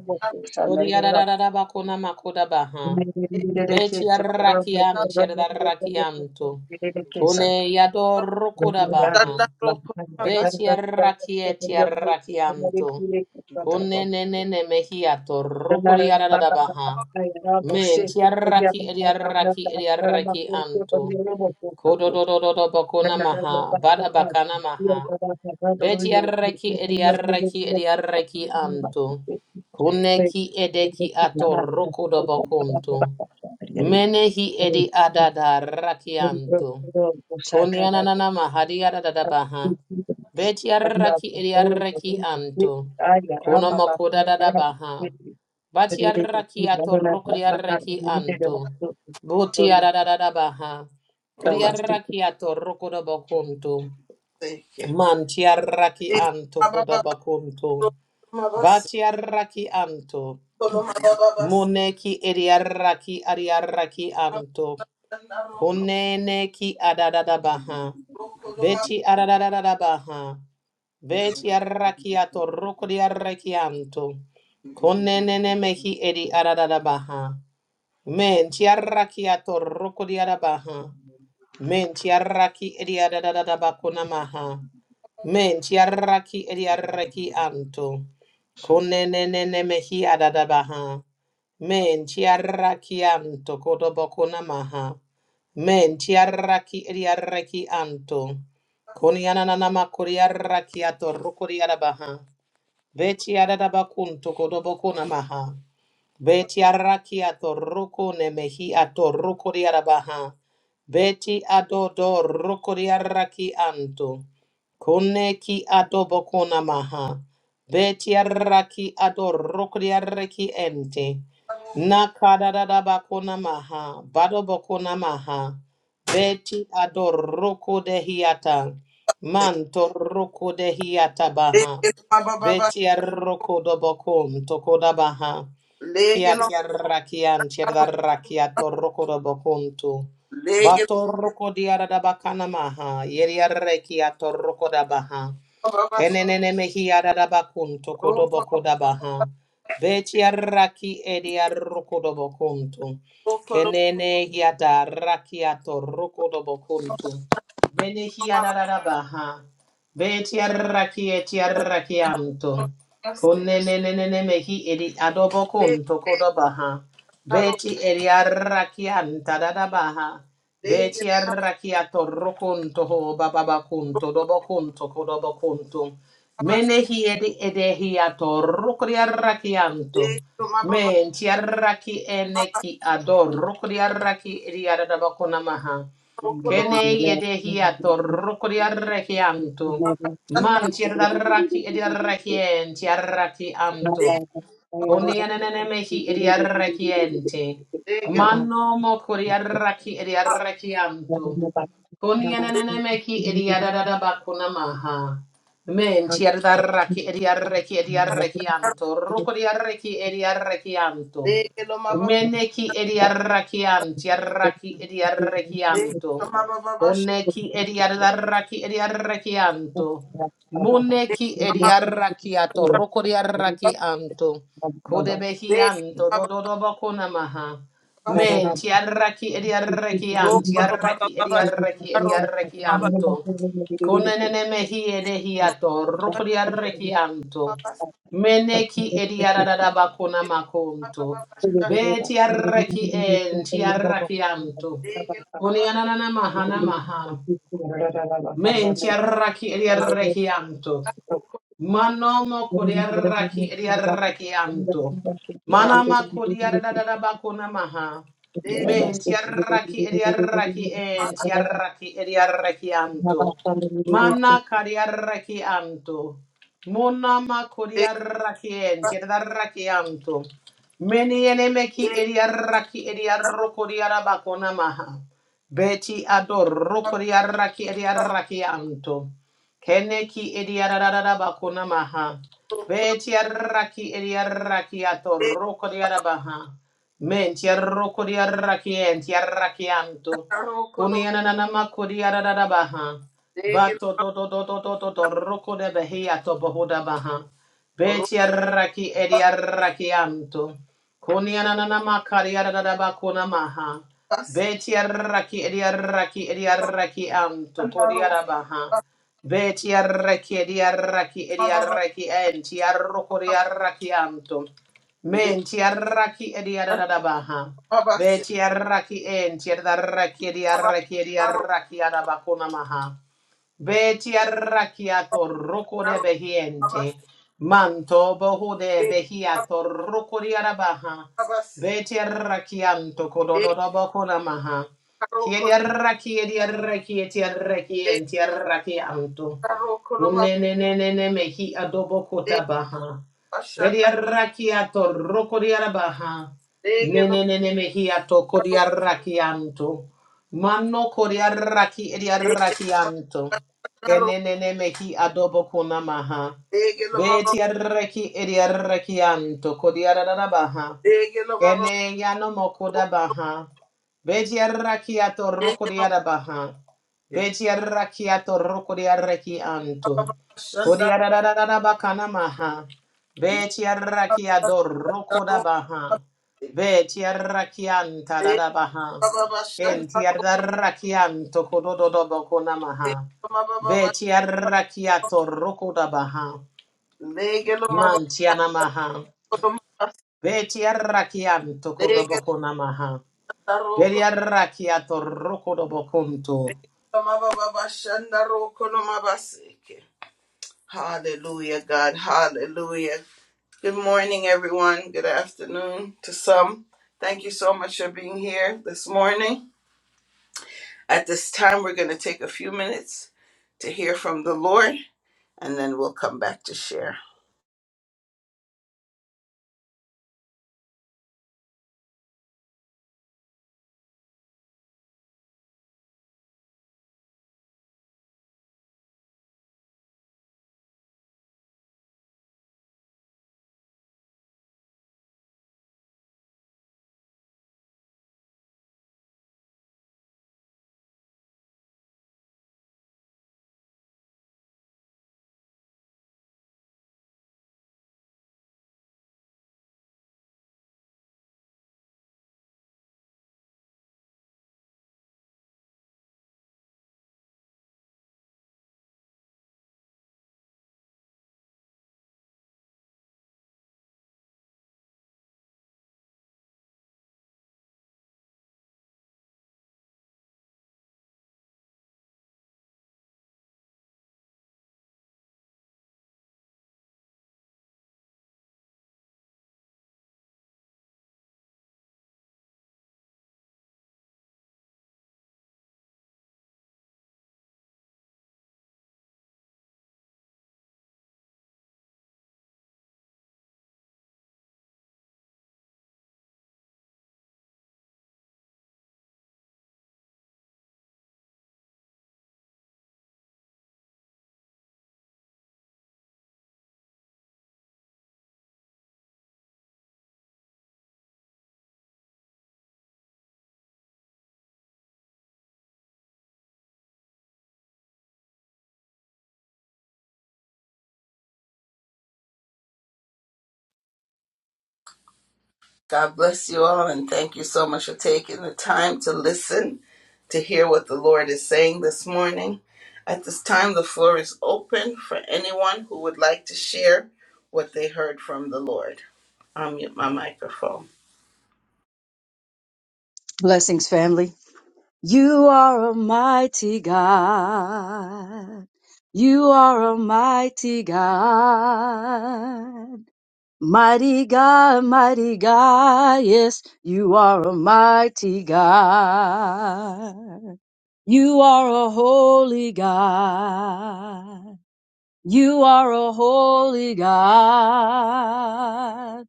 [SPEAKER 2] Kodiarabakuna makoda baha. Vetiaraki antiaraki anto. Kune yadoroko baha. Veti arrakieti arrakianto. Kone ne ne ne mehiato rukuri aradabaha. Menti arraki edi arraki edi arraki anto.
[SPEAKER 4] you.
[SPEAKER 2] Kodododododo bakona maha. Bada bakana maha. Veti arraki edi arraki edi arraki anto. Kuneki edeki ato rukudo bakonto. Menehi edi adada rakianto. Kone Kunianana mahadi aradabaha. Beti Betiaraki iriaraki anto. Kuno mokuda da da baha. Bati Batiaraki atorukriaraki anto. buti arada da da baha. Kuriaraki atorukuda bakunto. Mantiaraki anto kuda bakunto. Batiaraki anto. Muneki iriaraki ariaraki anto. Kuneneki adadada baha. Beti adadada baha. Veti arrakiato rukri arrakianto. Konenene mehi edi ararabaha. Men ti arrakiato rukri arabaha. Men ti arraki edi arararabako namaha. Men tiaraki ediaraki anto. Kunenene mehi adadabaha. Men tiaraki anto kodobokuna maha. Men tiaraki ediaraki anto. Kuniananama kuriaraki ato rukuriarabaha. Veti adadabakunto kodobokuna maha. Beti araki atoroko nemehi atoroko diarabaha. Beti adodo roko diaraki anto. Koneki adobo konamaha. Beti araki adoroko diaraki ente. Nakadadadaba konamaha. Badobo konamaha. Beti adoroko dehiata. Manto roko dehiata baha. Beti aroko dobokon tokodabaha. Kia tiarrakian tiarrakiato rokodo bokuntu. Bato roko diarada bakana maha. Yeriarrekiato rokoda baha. Kenenene mehiarada bakuntu kodobo kodabaha. Betiarraki ediarrokodo bokuntu. Kenene hiata rakiato rokodo bokuntu. Bene hiarada baha. Betiarraki etiarrakianto. Kone ne ne ne ne Kunenenenemehi edi adobokun tokodabaha. Beti edi arrakian tadadabaha. Beti arrakiato rokun toho bababakun todobokun tokodobokuntu. Menehi edi edehi ato rokri arrakianto. Men ti arraki eneki ador rokri arraki edi adadabakunamaha.
[SPEAKER 4] Thank
[SPEAKER 2] Kene yedehi ato rokri arrakianto. Man tiaraki ediaraki en tiaraki anto. Konianenenmehi idiarrekiente. Mano mo kuriarraki idiarrekianto. Konianenenmehi idiaradabakunamaha. Men chiardarraki idiarreki idiarrekianto. Rukuriarreki idiarrekianto.
[SPEAKER 1] ma
[SPEAKER 2] Meneki idiarrakianti arraki
[SPEAKER 1] Thank
[SPEAKER 2] idiarrekianto. Oneki idiarraki idiarrekianto. Muneki idiarrakiato. Rukuriarrakianto. Kodebehianto dododobokunamaha. Men tiarraki ediarrekian,
[SPEAKER 4] you.
[SPEAKER 2] tiarraki ediarreki ediarrekianto. Konenene mehi edehiato, rukuriarrekianto. Meneki ediaradabakunamakunto. Be tiarreki en tiarrakianto. Kuniananamaha namaha. Men tiarraki ediarrekianto. Manomo kodiaraki ediaraki anto. Manama kodiaradadabakuna maha. Men tiaraki ediaraki en tiaraki ediaraki anto. Mana kadiaraki anto. Monama kodiaraki en tiaraki anto. Meni enemeki ediaraki ediaroko diarabakuna maha. Beti ador roko diaraki ediaraki anto. Kene ki idiarara bakuna maha. Betiaraki idiaraki atoroko diarabaha. Mentiaroko diaraki entiaraki anto. Kuniananama kudiarara baha. Bato do do do do do do do roko de behia to bohuda baha. Betiaraki idiaraki anto. Kuniananama kariarara bakuna maha. Betiaraki idiaraki idiaraki anto. Kodiarabaha. Veti arraki edi arraki edi arraki enti arrokori arraki anto. Menti arraki edi adadabaha. Veti arraki enti adarraki edi arraki edi arraki adabakuna maha. Beti arrakiato roko de behiente. Manto boho de behiato roko di arabaha. Beti arrakianto kodododobo konamaha. Kiedi arrakie di arrakie ti arrakienti arrakianto. Unenenenene mehi adobo
[SPEAKER 1] you.
[SPEAKER 2] kotabaha. Beti
[SPEAKER 1] Ashanda
[SPEAKER 2] arrakiato roko di arabaha.
[SPEAKER 1] dege lo
[SPEAKER 2] Nenenene mehi atoko di
[SPEAKER 1] mabro
[SPEAKER 2] arrakianto. Manno kodi arraki edi
[SPEAKER 1] dege
[SPEAKER 2] arrakianto.
[SPEAKER 1] naro
[SPEAKER 2] Kenenene ki adobo kunamaha.
[SPEAKER 1] dege lo mabro
[SPEAKER 2] Beti arreki edi arrekianto kodi ararabaha.
[SPEAKER 1] dege lo mabro
[SPEAKER 2] Kene yano mokoda baha. Betiarrakiato
[SPEAKER 1] dege lo
[SPEAKER 2] rokodiada baha. Betiarrakiato rokodiarreki anto.
[SPEAKER 1] mabro ashanda
[SPEAKER 2] Kodiada da da da da bakana maha. Betiarrakiado
[SPEAKER 1] naro
[SPEAKER 2] rokoda baha. Betiarrakianta
[SPEAKER 1] dege
[SPEAKER 2] dada baha.
[SPEAKER 1] mabro ashanda
[SPEAKER 2] Entiarrakianto kodododo bakona maha.
[SPEAKER 1] dege lo mabro
[SPEAKER 2] Betiarrakiato rokoda baha.
[SPEAKER 1] dege lo mabro
[SPEAKER 2] Mantiana maha. Betiarrakianto
[SPEAKER 1] dege
[SPEAKER 2] kodobokona maha.
[SPEAKER 1] naro
[SPEAKER 2] Beliarakiato rokodobokunto.
[SPEAKER 1] dege lo mabro ashanda ro lo mabaseke. Hallelujah, God. Hallelujah. Good morning, everyone. Good afternoon to some. Thank you so much for being here this morning. At this time, we're going to take a few minutes to hear from the Lord, and then we'll come back to share. God bless you all, and thank you so much for taking the time to listen to hear what the Lord is saying this morning. At this time, the floor is open for anyone who would like to share what they heard from the Lord. I'll mute my microphone.
[SPEAKER 4] Blessings, family. You are a mighty God. You are a mighty God. Mighty God, mighty God. Yes, you are a mighty God. You are a holy God. You are a holy God.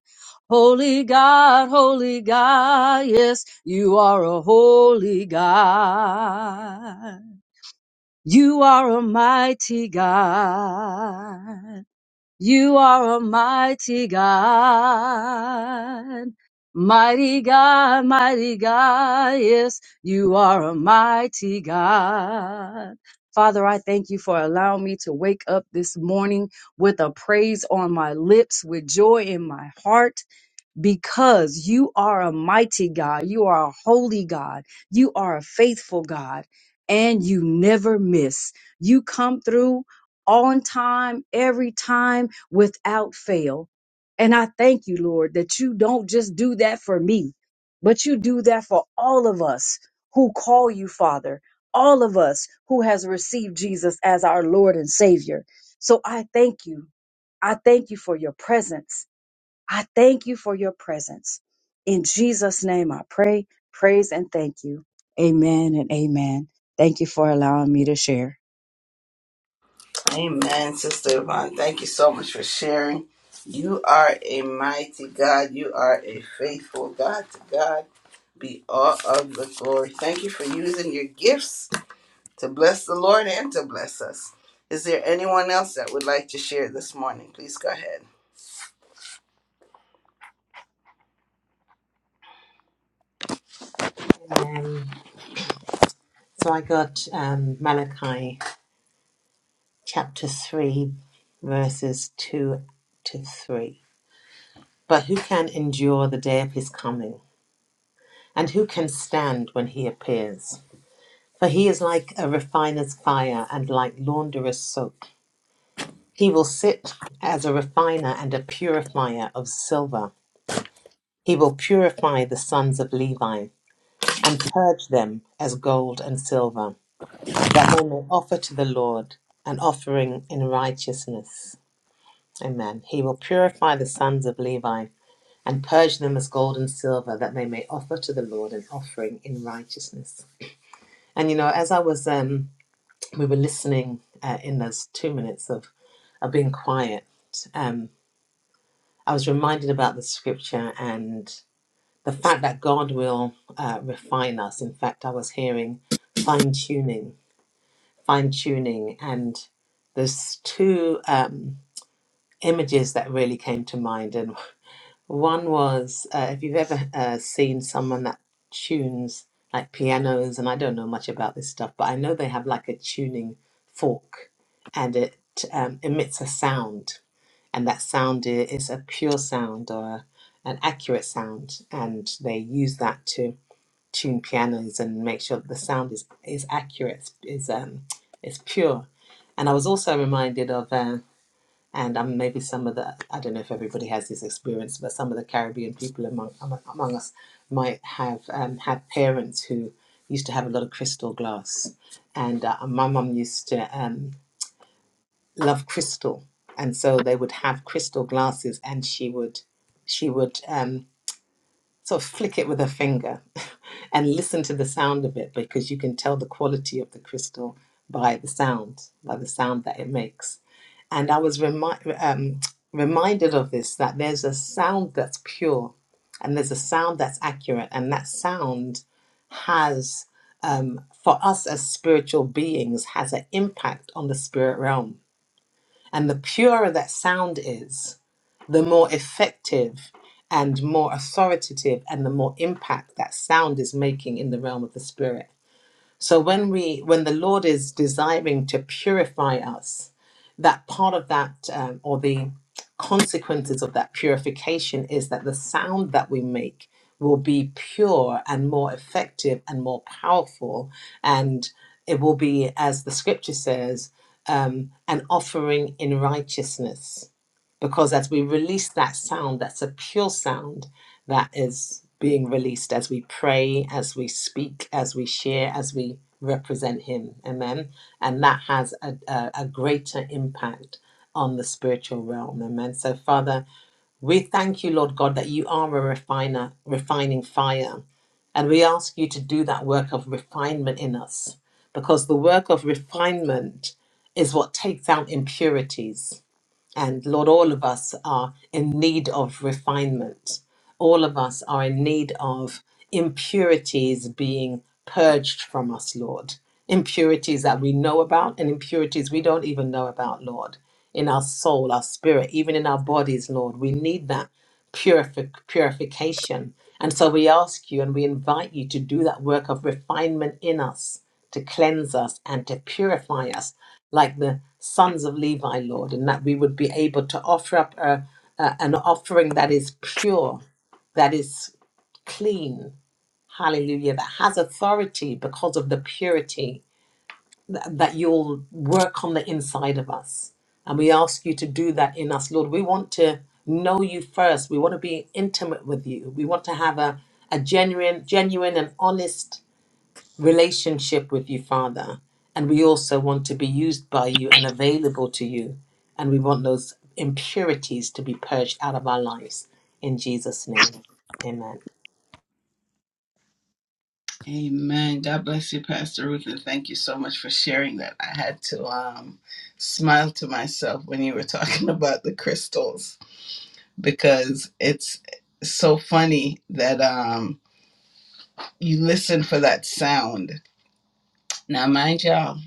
[SPEAKER 4] Holy God, holy God, yes, you are a holy God. You are a mighty God. You are a mighty God. Mighty God, mighty God, yes, you are a mighty God. Father, I thank you for allowing me to wake up this morning with a praise on my lips, with joy in my heart because you are a mighty God, you are a holy God, you are a faithful God, and you never miss. You come through on time, every time, without fail. And I thank you, Lord, that you don't just do that for me, but you do that for all of us who call you Father, all of us who has received Jesus as our Lord and Savior. So I thank you. I thank you for your presence. I thank you for your presence. In Jesus' name, I pray, praise, and thank you. Amen and amen. Thank you for allowing me to share.
[SPEAKER 1] Amen, Sister Yvonne. Thank you so much for sharing. You are a mighty God. You are a faithful God. To God be all of the glory. Thank you for using your gifts to bless the Lord and to bless us. Is there anyone else that would like to share this morning? Please go ahead.
[SPEAKER 2] Um, so I got um, Malachi chapter 3, verses 2 to 3. But who can endure the day of his coming? And who can stand when he appears? For he is like a refiner's fire and like launderer's soap. He will sit as a refiner and a purifier of silver. He will purify the sons of Levi and purge them as gold and silver that they may offer to the Lord an offering in righteousness. Amen. He will purify the sons of Levi and purge them as gold and silver, that they may offer to the Lord an offering in righteousness. And you know, as I was, um, we were listening uh, in those two minutes of, of being quiet, um, I was reminded about the scripture and the fact that God will uh, refine us. In fact, I was hearing fine tuning fine tuning and there's two um, images that really came to mind and one was uh, if you've ever uh, seen someone that tunes like pianos and i don't know much about this stuff but i know they have like a tuning fork and it um, emits a sound and that sound i- is a pure sound or an accurate sound and they use that to tune pianos and make sure that the sound is is accurate is um is pure and i was also reminded of uh, and um, maybe some of the i don't know if everybody has this experience but some of the caribbean people among among, among us might have um, had parents who used to have a lot of crystal glass and uh, my mum used to um, love crystal and so they would have crystal glasses and she would she would um, sort of flick it with her finger and listen to the sound of it because you can tell the quality of the crystal by the sound by the sound that it makes and i was remi- um, reminded of this that there's a sound that's pure and there's a sound that's accurate and that sound has um, for us as spiritual beings has an impact on the spirit realm and the purer that sound is, the more effective and more authoritative and the more impact that sound is making in the realm of the spirit. So when we when the Lord is desiring to purify us, that part of that um, or the consequences of that purification is that the sound that we make will be pure and more effective and more powerful, and it will be, as the Scripture says, um, an offering in righteousness because as we release that sound, that's a pure sound that is being released as we pray, as we speak, as we share, as we represent Him. Amen. And that has a, a, a greater impact on the spiritual realm. Amen. So, Father, we thank you, Lord God, that you are a refiner, refining fire. And we ask you to do that work of refinement in us because the work of refinement is what takes out impurities and Lord, all of us are in need of refinement. All of us are in need of impurities being purged from us, Lord. Impurities that we know about and impurities we don't even know about, Lord. In our soul, our spirit, even in our bodies, Lord. We need that purific, purification. And so we ask you and we invite you to do that work of refinement in us, to cleanse us and to purify us like the sons of Levi, Lord, and that we would be able to offer up a, a- an offering that is pure, that is clean. Hallelujah, that has authority because of the purity that you'll work on the inside of us. And we ask you to do that in us, Lord. We want to know you first. We want to be intimate with you. We want to have a, a genuine, genuine and honest relationship with you, Father. And we also want to be used by you and available to you. And we want those impurities to be purged out of our lives. In Jesus' name. Amen.
[SPEAKER 1] Amen. God bless you, Pastor Ruth, and thank you so much for sharing that. I had to um, smile to myself when you were talking about the crystals because it's so funny that um you listen for that sound. Now mind y'all,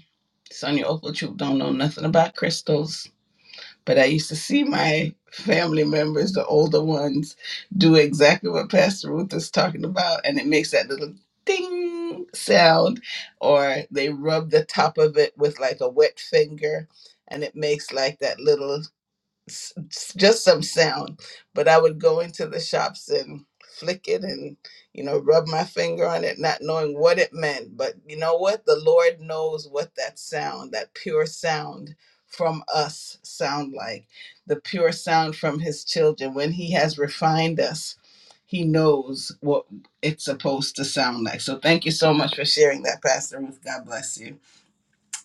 [SPEAKER 1] Sonia Opal Troop don't know nothing about crystals, but I used to see my family members, the older ones, do exactly what Pastor Ruth is talking about, and it makes that little ding sound, or they rub the top of it with like a wet finger and it makes like that little s- s- just some sound, but I would go into the shops and flick it and you know rub my finger on it not knowing what it meant but you know what the lord knows what that sound that pure sound from us sound like the pure sound from his children when he has refined us he knows what it's supposed to sound like so thank you so much for sharing that pastor ruth god bless you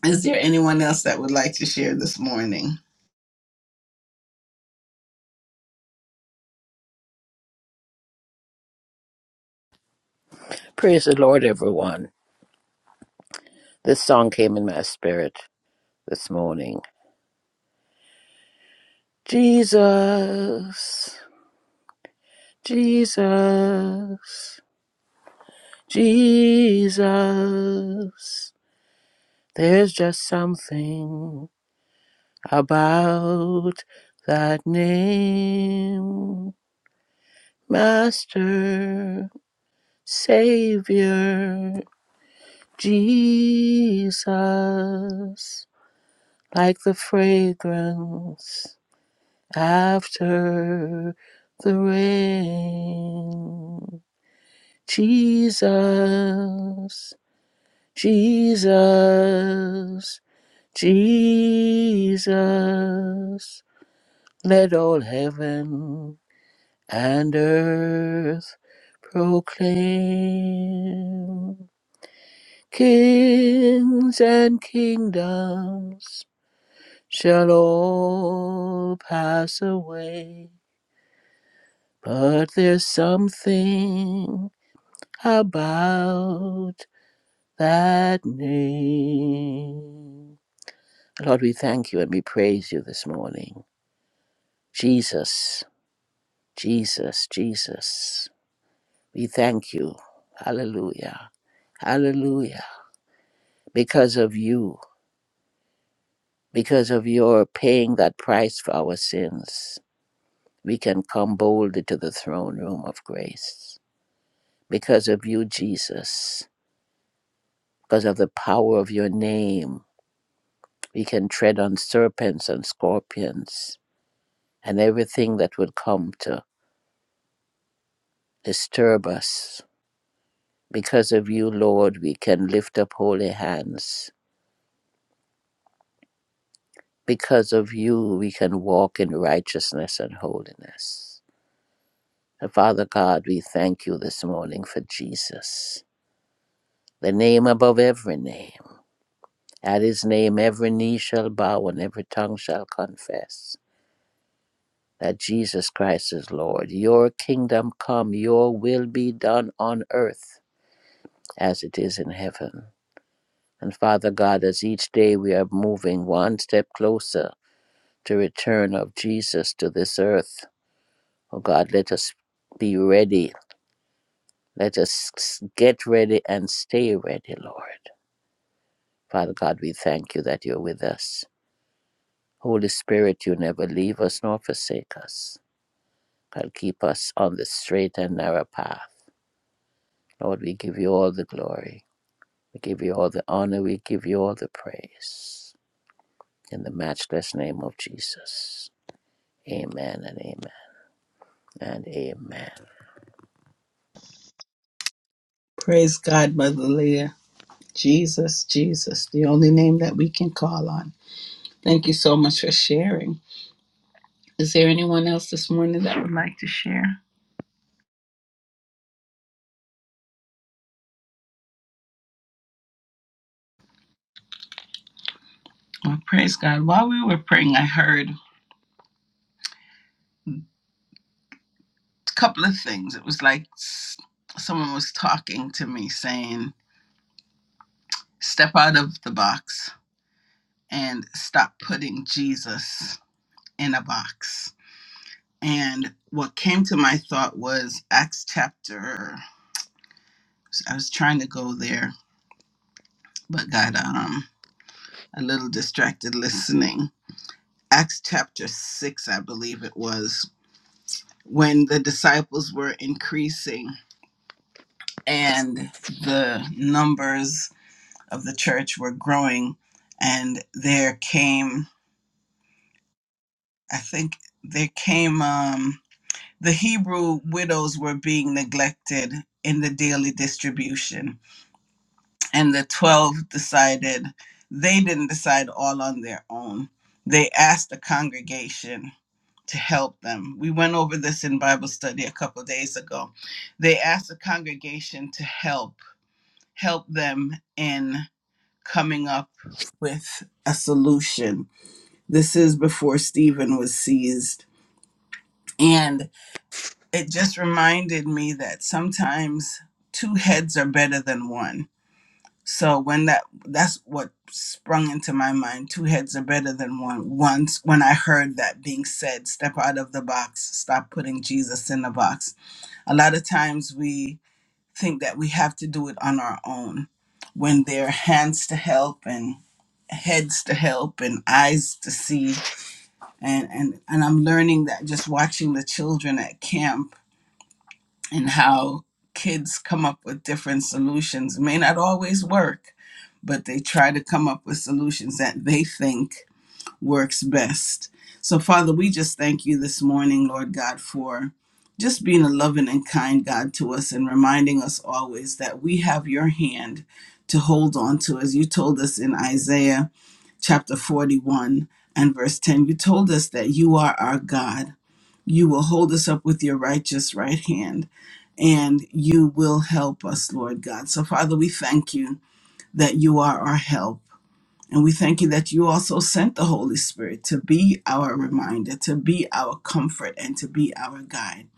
[SPEAKER 1] is there anyone else that would like to share this morning
[SPEAKER 5] Praise the Lord, everyone. This song came in my spirit this morning. Jesus, Jesus, Jesus. There's just something about that name. Master, Savior, Jesus. Like the fragrance after the rain. Jesus, Jesus, Jesus, let all heaven and earth proclaim. Kings and kingdoms shall all pass away But there's something about that name. Lord, we thank you and we praise you this morning. Jesus, Jesus, Jesus. We thank you. Hallelujah. Hallelujah. Because of you, because of your paying that price for our sins, we can come boldly to the throne room of grace. Because of you, Jesus, because of the power of your name. We can tread on serpents and scorpions and everything that would come to disturb us. Because of you, Lord, we can lift up holy hands. Because of you, we can walk in righteousness and holiness. And Father God, we thank you this morning for Jesus, the name above every name. At his name, every knee shall bow and every tongue shall confess that Jesus Christ is Lord. Your kingdom come, your will be done on earth as it is in heaven. And Father God, as each day we are moving one step closer to return of Jesus to this earth, oh God, let us be ready. Let us get ready and stay ready, Lord. Father God, we thank you that you're with us. Holy Spirit, you never leave us nor forsake us. God, keep us on the straight and narrow path. Lord, we give you all the glory. We give you all the honor. We give you all the praise. In the matchless name of Jesus. Amen and amen and amen.
[SPEAKER 1] praise god mother leah Jesus, Jesus, the only name that we can call on. Thank you so much for sharing. Is there anyone else this morning that would like to share? Well, praise God. While we were praying, I heard a couple of things. It was like s- someone was talking to me saying, Step out of the box and stop putting Jesus in a box. And what came to my thought was Acts chapter, I was trying to go there, but got um, a little distracted listening Acts chapter 6, I believe it was, when the disciples were increasing and the numbers of the church were growing. And there came, I think, there came, um, the Hebrew widows were being neglected in the daily distribution. And the 12 decided, they didn't decide all on their own. They asked the congregation to help them. We went over this in Bible study a couple of days ago. They asked the congregation to help, help them in coming up with a solution. This is before Stephen was seized. And it just reminded me that sometimes two heads are better than one. So when that that's what sprung into my mind, two heads are better than one. Once when I heard that being said, step out of the box, stop putting Jesus in the box A lot of times we think that we have to do it on our own when there are hands to help and heads to help and eyes to see. And, and, and I'm learning that just watching the children at camp and how kids come up with different solutions It may not always work, but they try to come up with solutions that they think works best. So, Father, we just thank you this morning, Lord God, for just being a loving and kind God to us and reminding us always that we have your hand to hold on to. As you told us in Isaiah chapter 41 and verse 10, you told us that you are our God. You will hold us up with your righteous right hand and you will help us, Lord God. So, Father, we thank you that you are our help. And we thank you that you also sent the Holy Spirit to be our reminder, to be our comfort, and to be our guide.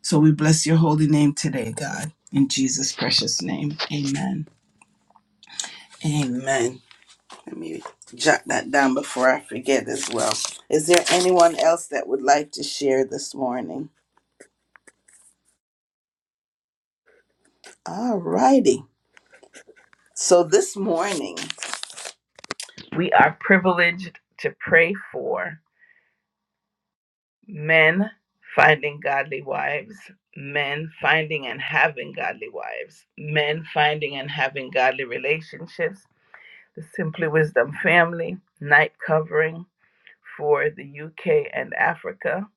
[SPEAKER 1] So we bless your holy name today, God. In Jesus' precious name, amen. Amen. Let me jot that down before I forget as well. Is there anyone else that would like to share this morning? All righty. So this morning, to pray for. men finding godly wives, men finding and having godly wives, men finding and having godly relationships, the Simply Wisdom family, night covering for the UK and Africa,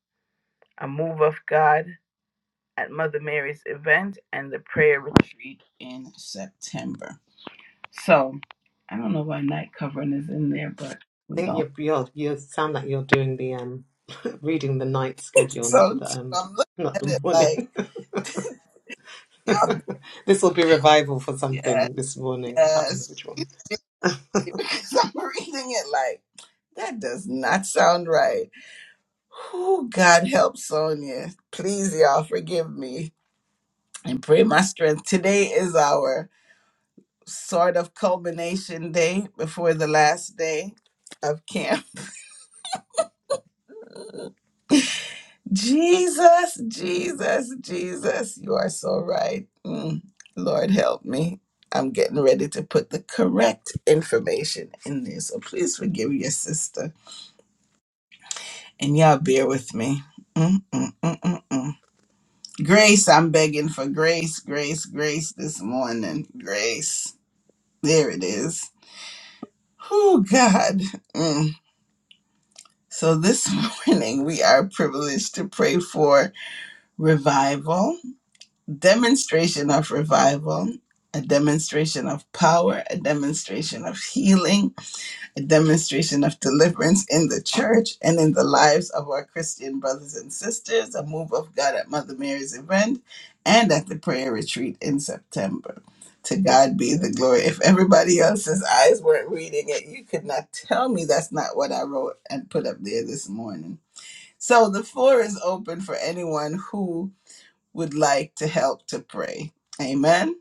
[SPEAKER 1] a move of God at Mother Mary's event, and the prayer retreat in September. So I don't know why night covering is in there, but we're
[SPEAKER 2] I think
[SPEAKER 1] going.
[SPEAKER 2] you you're you sound like you're doing the um reading the night schedule, not
[SPEAKER 1] So
[SPEAKER 2] the
[SPEAKER 1] too,
[SPEAKER 2] um
[SPEAKER 1] I'm looking
[SPEAKER 2] not
[SPEAKER 1] at
[SPEAKER 2] the
[SPEAKER 1] it like,
[SPEAKER 2] morning.
[SPEAKER 1] yeah,
[SPEAKER 2] this will be revival for
[SPEAKER 1] yeah,
[SPEAKER 2] something this morning. I can't remember
[SPEAKER 1] yes.
[SPEAKER 2] which one.
[SPEAKER 1] because I'm reading it like that does not sound right. Oh, God help Sonia. Please, y'all, forgive me and pray my strength. Today is our sort of culmination day before the last day of camp. Jesus, Jesus, Jesus, you are so right. Mm, Lord, help me. I'm getting ready to put the correct information in there, so please forgive your sister. and y'all bear with me. Mm, mm, mm, mm, mm. Grace, I'm begging for grace, grace, grace this morning. Grace. There it is. Oh, God. Mm. So this morning we are privileged to pray for revival, demonstration of revival, a demonstration of power, a demonstration of healing, a demonstration of deliverance in the church and in the lives of our Christian brothers and sisters, a move of God at Mother Mary's event and at the prayer retreat in September. To God be the glory. If everybody else's eyes weren't reading it, you could not tell me that's not what I wrote and put up there this morning. So the floor is open for anyone who would like to help to pray. Amen.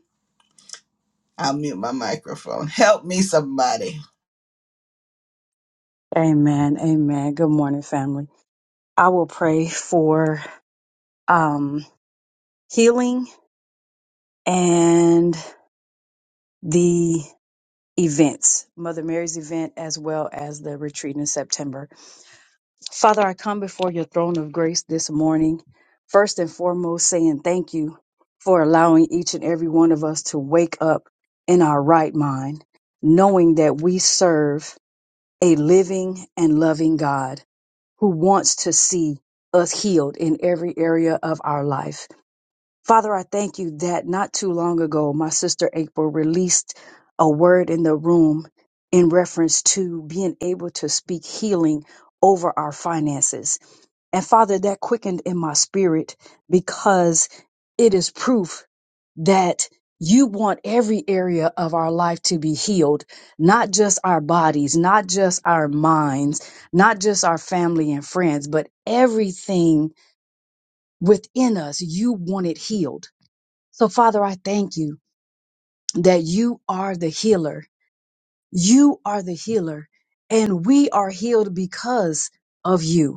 [SPEAKER 1] I'll mute my microphone. Help me, somebody.
[SPEAKER 4] Amen. Amen. Good morning, family. I will pray for um, healing and the events, Mother Mary's event, as well as the retreat in September. Father, I come before your throne of grace this morning, first and foremost saying thank you for allowing each and every one of us to wake up in our right mind, knowing that we serve a living and loving God who wants to see us healed in every area of our life. Father, I thank you that not too long ago, my sister April released a word in the room in reference to being able to speak healing over our finances and Father, that quickened in my spirit because it is proof that you want every area of our life to be healed, not just our bodies, not just our minds, not just our family and friends, but everything within us, you want it healed. So, Father, I thank you that you are the healer. You are the healer, and we are healed because of you.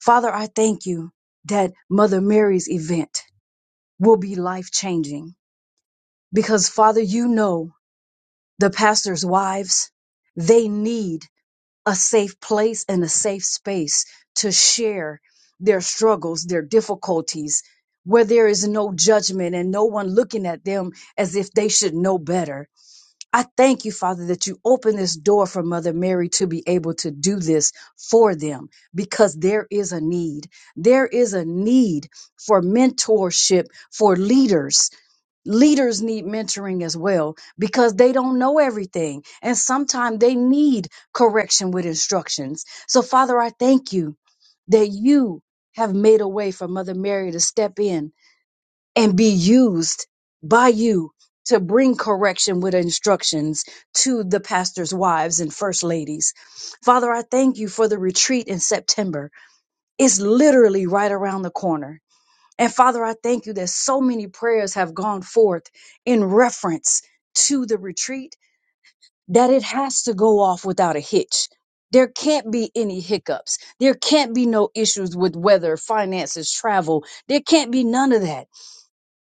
[SPEAKER 4] Father, I thank you that Mother Mary's event will be life changing because, Father, you know the pastors' wives, they need a safe place and a safe space to share their struggles, their difficulties, where there is no judgment and no one looking at them as if they should know better. I thank you, Father, that you open this door for Mother Mary to be able to do this for them because there is a need. There is a need for mentorship for leaders. Leaders need mentoring as well because they don't know everything. And sometimes they need correction with instructions. So, Father, I thank you that you have made a way for Mother Mary to step in and be used by you to bring correction with instructions to the pastor's wives and first ladies. Father, I thank you for the retreat in September. It's literally right around the corner. And Father, I thank you that so many prayers have gone forth in reference to the retreat that it has to go off without a hitch. There can't be any hiccups. There can't be no issues with weather, finances, travel. There can't be none of that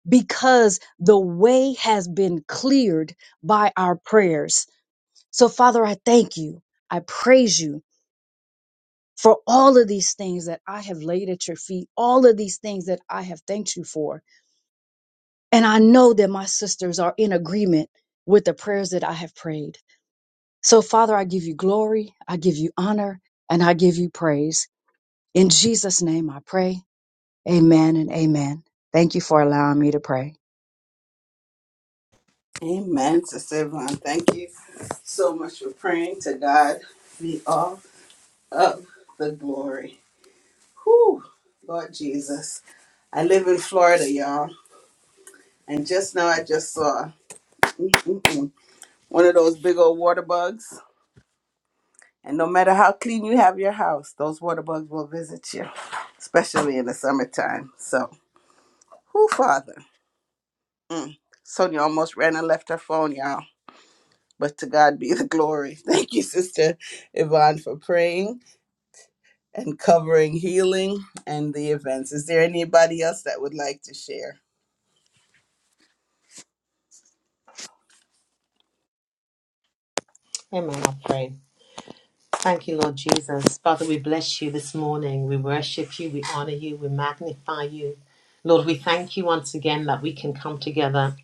[SPEAKER 4] because the way has been cleared by our prayers. So, Father, I thank you. I praise you for all of these things that I have laid at your feet, all of these things that I have thanked you for. And I know that my sisters are in agreement with the prayers that I have prayed. So, Father, I give you glory, I give you honor, and I give you praise. In Jesus' name I pray. Amen and amen. Thank you for allowing me to pray.
[SPEAKER 1] Amen, Sister Yvonne. Thank you so much for praying. To God be all of the glory. Whew, Lord Jesus. I live in Florida, y'all. And just now I just saw mm, mm, mm, one of those big old water bugs. And no matter how clean you have your house, those water bugs will visit you, especially in the summertime. So, who, Father? Sonia almost ran and left her phone, y'all. But to God be the glory. Thank you, Sister Yvonne, for praying. and covering healing and the events. Is there anybody else that would like to share?
[SPEAKER 2] Amen. I pray. Thank you, Lord Jesus. Father, we bless you this morning. We worship you, we honor you, we magnify you. Lord, we thank you once again that we can come together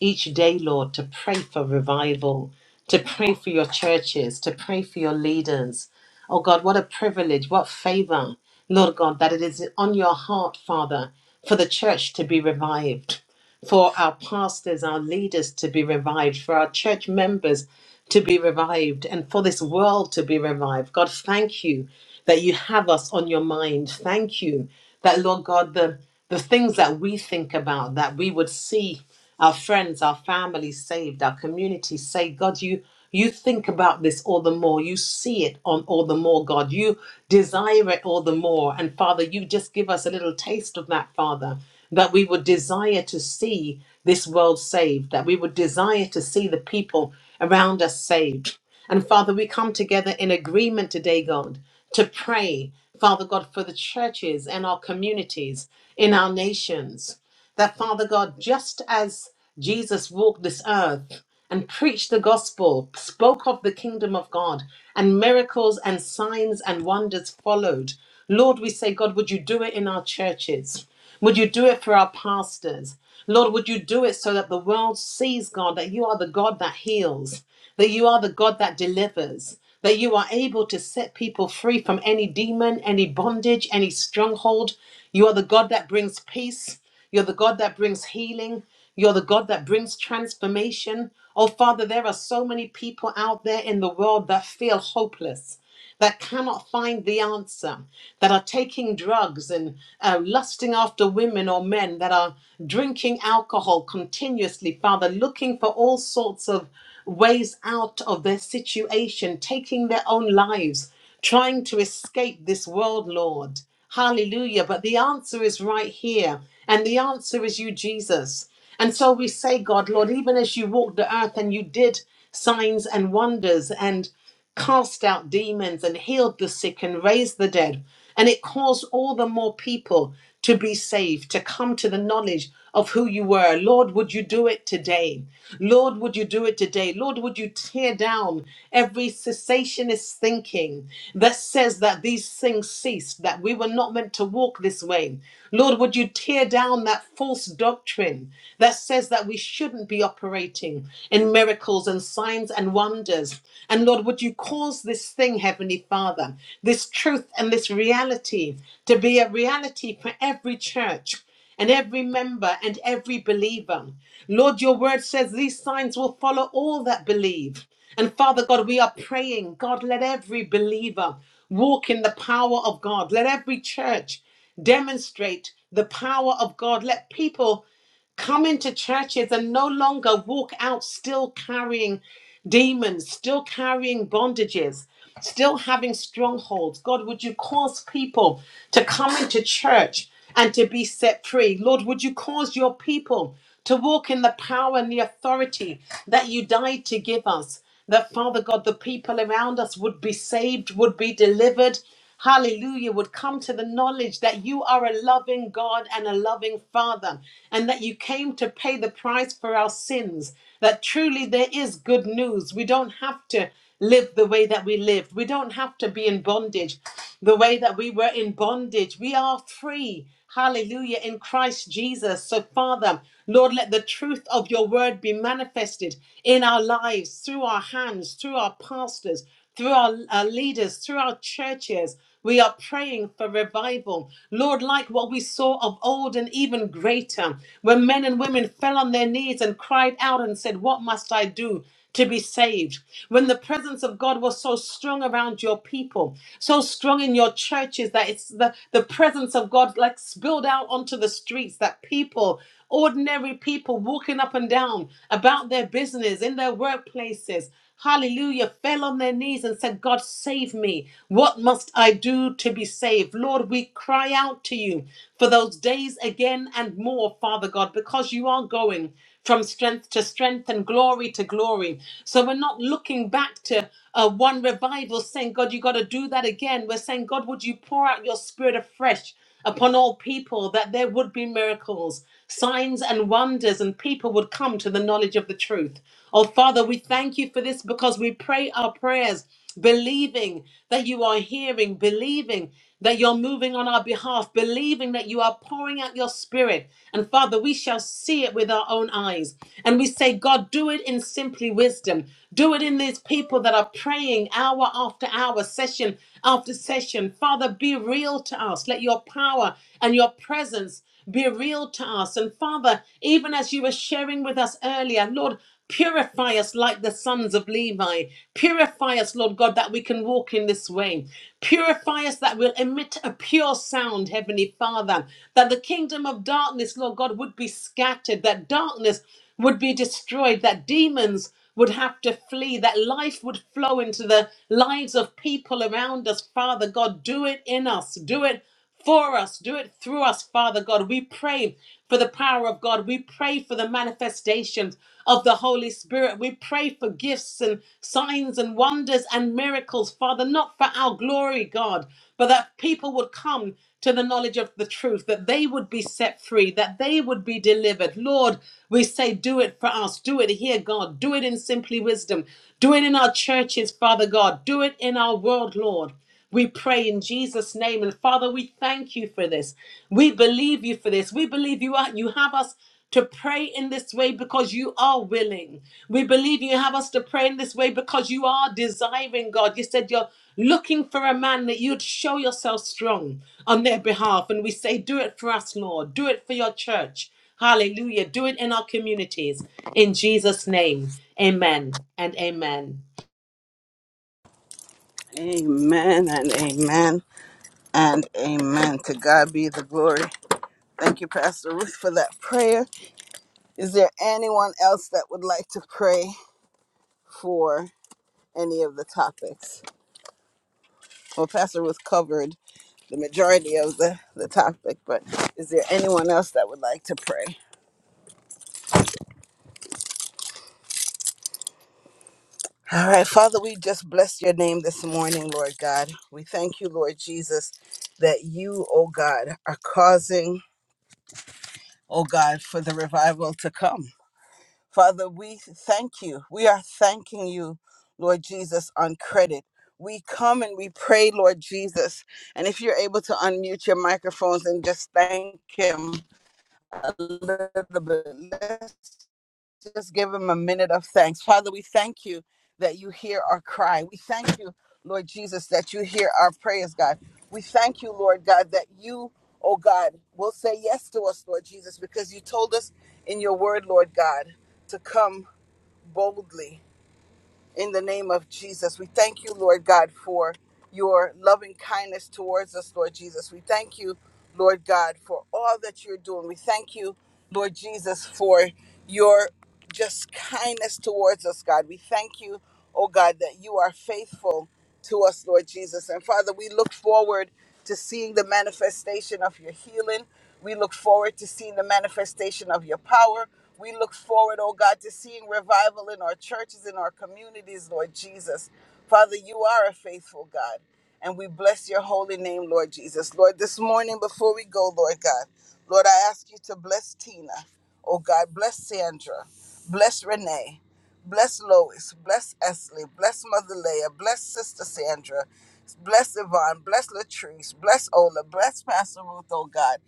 [SPEAKER 2] each day, Lord, to pray for revival, to pray for your churches, to pray for your leaders. Oh God, what a privilege, what favor, Lord God, that it is on your heart, Father, for the church to be revived, for our pastors, our leaders to be revived, for our church members to be revived and for this world to be revived. God, thank you that you have us on your mind. Thank you that, Lord God, the, the things that we think about, that we would see our friends, our family saved, our community saved. God, you you think about this all the more. You see it on all the more, God. You desire it all the more. And Father, you just give us a little taste of that, Father, that we would desire to see this world saved, that we would desire to see the people around us saved and Father, we come together in agreement today, God, to pray, Father God, for the churches and our communities in our nations. That, Father God, just as Jesus walked this earth and preached the gospel, spoke of the kingdom of God, and miracles and signs and wonders followed, Lord, we say, God, would you do it in our churches? Would you do it for our pastors? Lord, would you do it so that the world sees, God, that you are the God that heals? that you are the God that delivers, that you are able to set people free from any demon, any bondage, any stronghold. You are the God that brings peace. You're the God that brings healing. You're the God that brings transformation. Oh, Father, there are so many people out there in the world that feel hopeless that cannot find the answer, that are taking drugs and uh, lusting after women or men, that are drinking alcohol continuously, Father, looking for all sorts of ways out of their situation, taking their own lives, trying to escape this world, Lord. Hallelujah. But the answer is right here. And the answer is you, Jesus. And so we say, God, Lord, even as you walked the earth and you did signs and wonders, and cast out demons and healed the sick and raised the dead. And it caused all the more people to be saved, to come to the knowledge of who you were. Lord, would you do it today? Lord, would you do it today? Lord, would you tear down every cessationist thinking that says that these things ceased, that we were not meant to walk this way? Lord, would you tear down that false doctrine that says that we shouldn't be operating in miracles and signs and wonders. And Lord, would you cause this thing, Heavenly Father, this truth and this reality to be a reality for every church and every member and every believer? Lord, your word says these signs will follow all that believe. And Father God, we are praying, God, let every believer walk in the power of God. Let every church demonstrate the power of God. Let people come into churches and no longer walk out still carrying demons, still carrying bondages, still having strongholds. God, would you cause people to come into church and to be set free? Lord, would you cause your people to walk in the power and the authority that you died to give us? that Father God, the people around us would be saved, would be delivered. Hallelujah, would come to the knowledge that you are a loving God and a loving Father, and that you came to pay the price for our sins. That truly there is good news. We don't have to live the way that we lived, we don't have to be in bondage the way that we were in bondage. We are free. Hallelujah. In Christ Jesus. So, Father, Lord, let the truth of your word be manifested in our lives, through our hands, through our pastors, through our, our leaders, through our churches. We are praying for revival. Lord, like what we saw of old and even greater, when men and women fell on their knees and cried out and said, What must I do to be saved. When the presence of God was so strong around your people, so strong in your churches that it's the, the presence of God like spilled out onto the streets that people, ordinary people walking up and down about their business, in their workplaces, hallelujah, fell on their knees and said, God, save me. What must I do to be saved? Lord, we cry out to you for those days again and more, Father God, because you are going from strength to strength and glory to glory. So we're not looking back to uh, one revival saying, God, you got to do that again. We're saying, God, would you pour out your spirit afresh upon all people that there would be miracles, signs, and wonders, and people would come to the knowledge of the truth? Oh, Father, we thank you for this because we pray our prayers believing that you are hearing, believing that you're moving on our behalf, believing that you are pouring out your spirit. And Father, we shall see it with our own eyes. And we say, God, do it in simply wisdom. Do it in these people that are praying hour after hour, session after session. Father, be real to us. Let your power and your presence be real to us. And Father, even as you were sharing with us earlier, Lord, Purify us like the sons of Levi. Purify us, Lord God, that we can walk in this way. Purify us that we'll emit a pure sound, Heavenly Father. That the kingdom of darkness, Lord God, would be scattered, that darkness would be destroyed, that demons would have to flee, that life would flow into the lives of people around us. Father God, do it in us. Do it for us. Do it through us, Father God. We pray for the power of God. We pray for the manifestations of the Holy Spirit. We pray for gifts and signs and wonders and miracles, Father, not for our glory, God, but that people would come to the knowledge of the truth, that they would be set free, that they would be delivered. Lord, we say, do it for us. Do it here, God. Do it in simply wisdom. Do it in our churches, Father God. Do it in our world, Lord. We pray in Jesus' name. And Father, we thank you for this. We believe you for this. We believe you are you have us to pray in this way because you are willing. We believe you have us to pray in this way because you are desiring, God. You said you're looking for a man that you'd show yourself strong on their behalf. And we say, Do it for us, Lord. Do it for your church. Hallelujah. Do it in our communities. In Jesus' name. Amen and amen.
[SPEAKER 1] Amen and amen and amen. To God be the glory. Thank you, Pastor Ruth, for that prayer. Is there anyone else that would like to pray for any of the topics? Well, Pastor Ruth covered the majority of the, the topic, but is there anyone else that would like to pray? All right, Father, we just bless your name this morning, Lord God. We thank you, Lord Jesus, that you, oh God, are causing, oh God, for the revival to come. Father, we thank you. We are thanking you, Lord Jesus, on credit. We come and we pray, Lord Jesus. And if you're able to unmute your microphones and just thank Him a little bit, just give him a minute of thanks. Father, we thank you that you hear our cry. We thank you, Lord Jesus, that you hear our prayers, God. We thank you, Lord God, that you, oh God,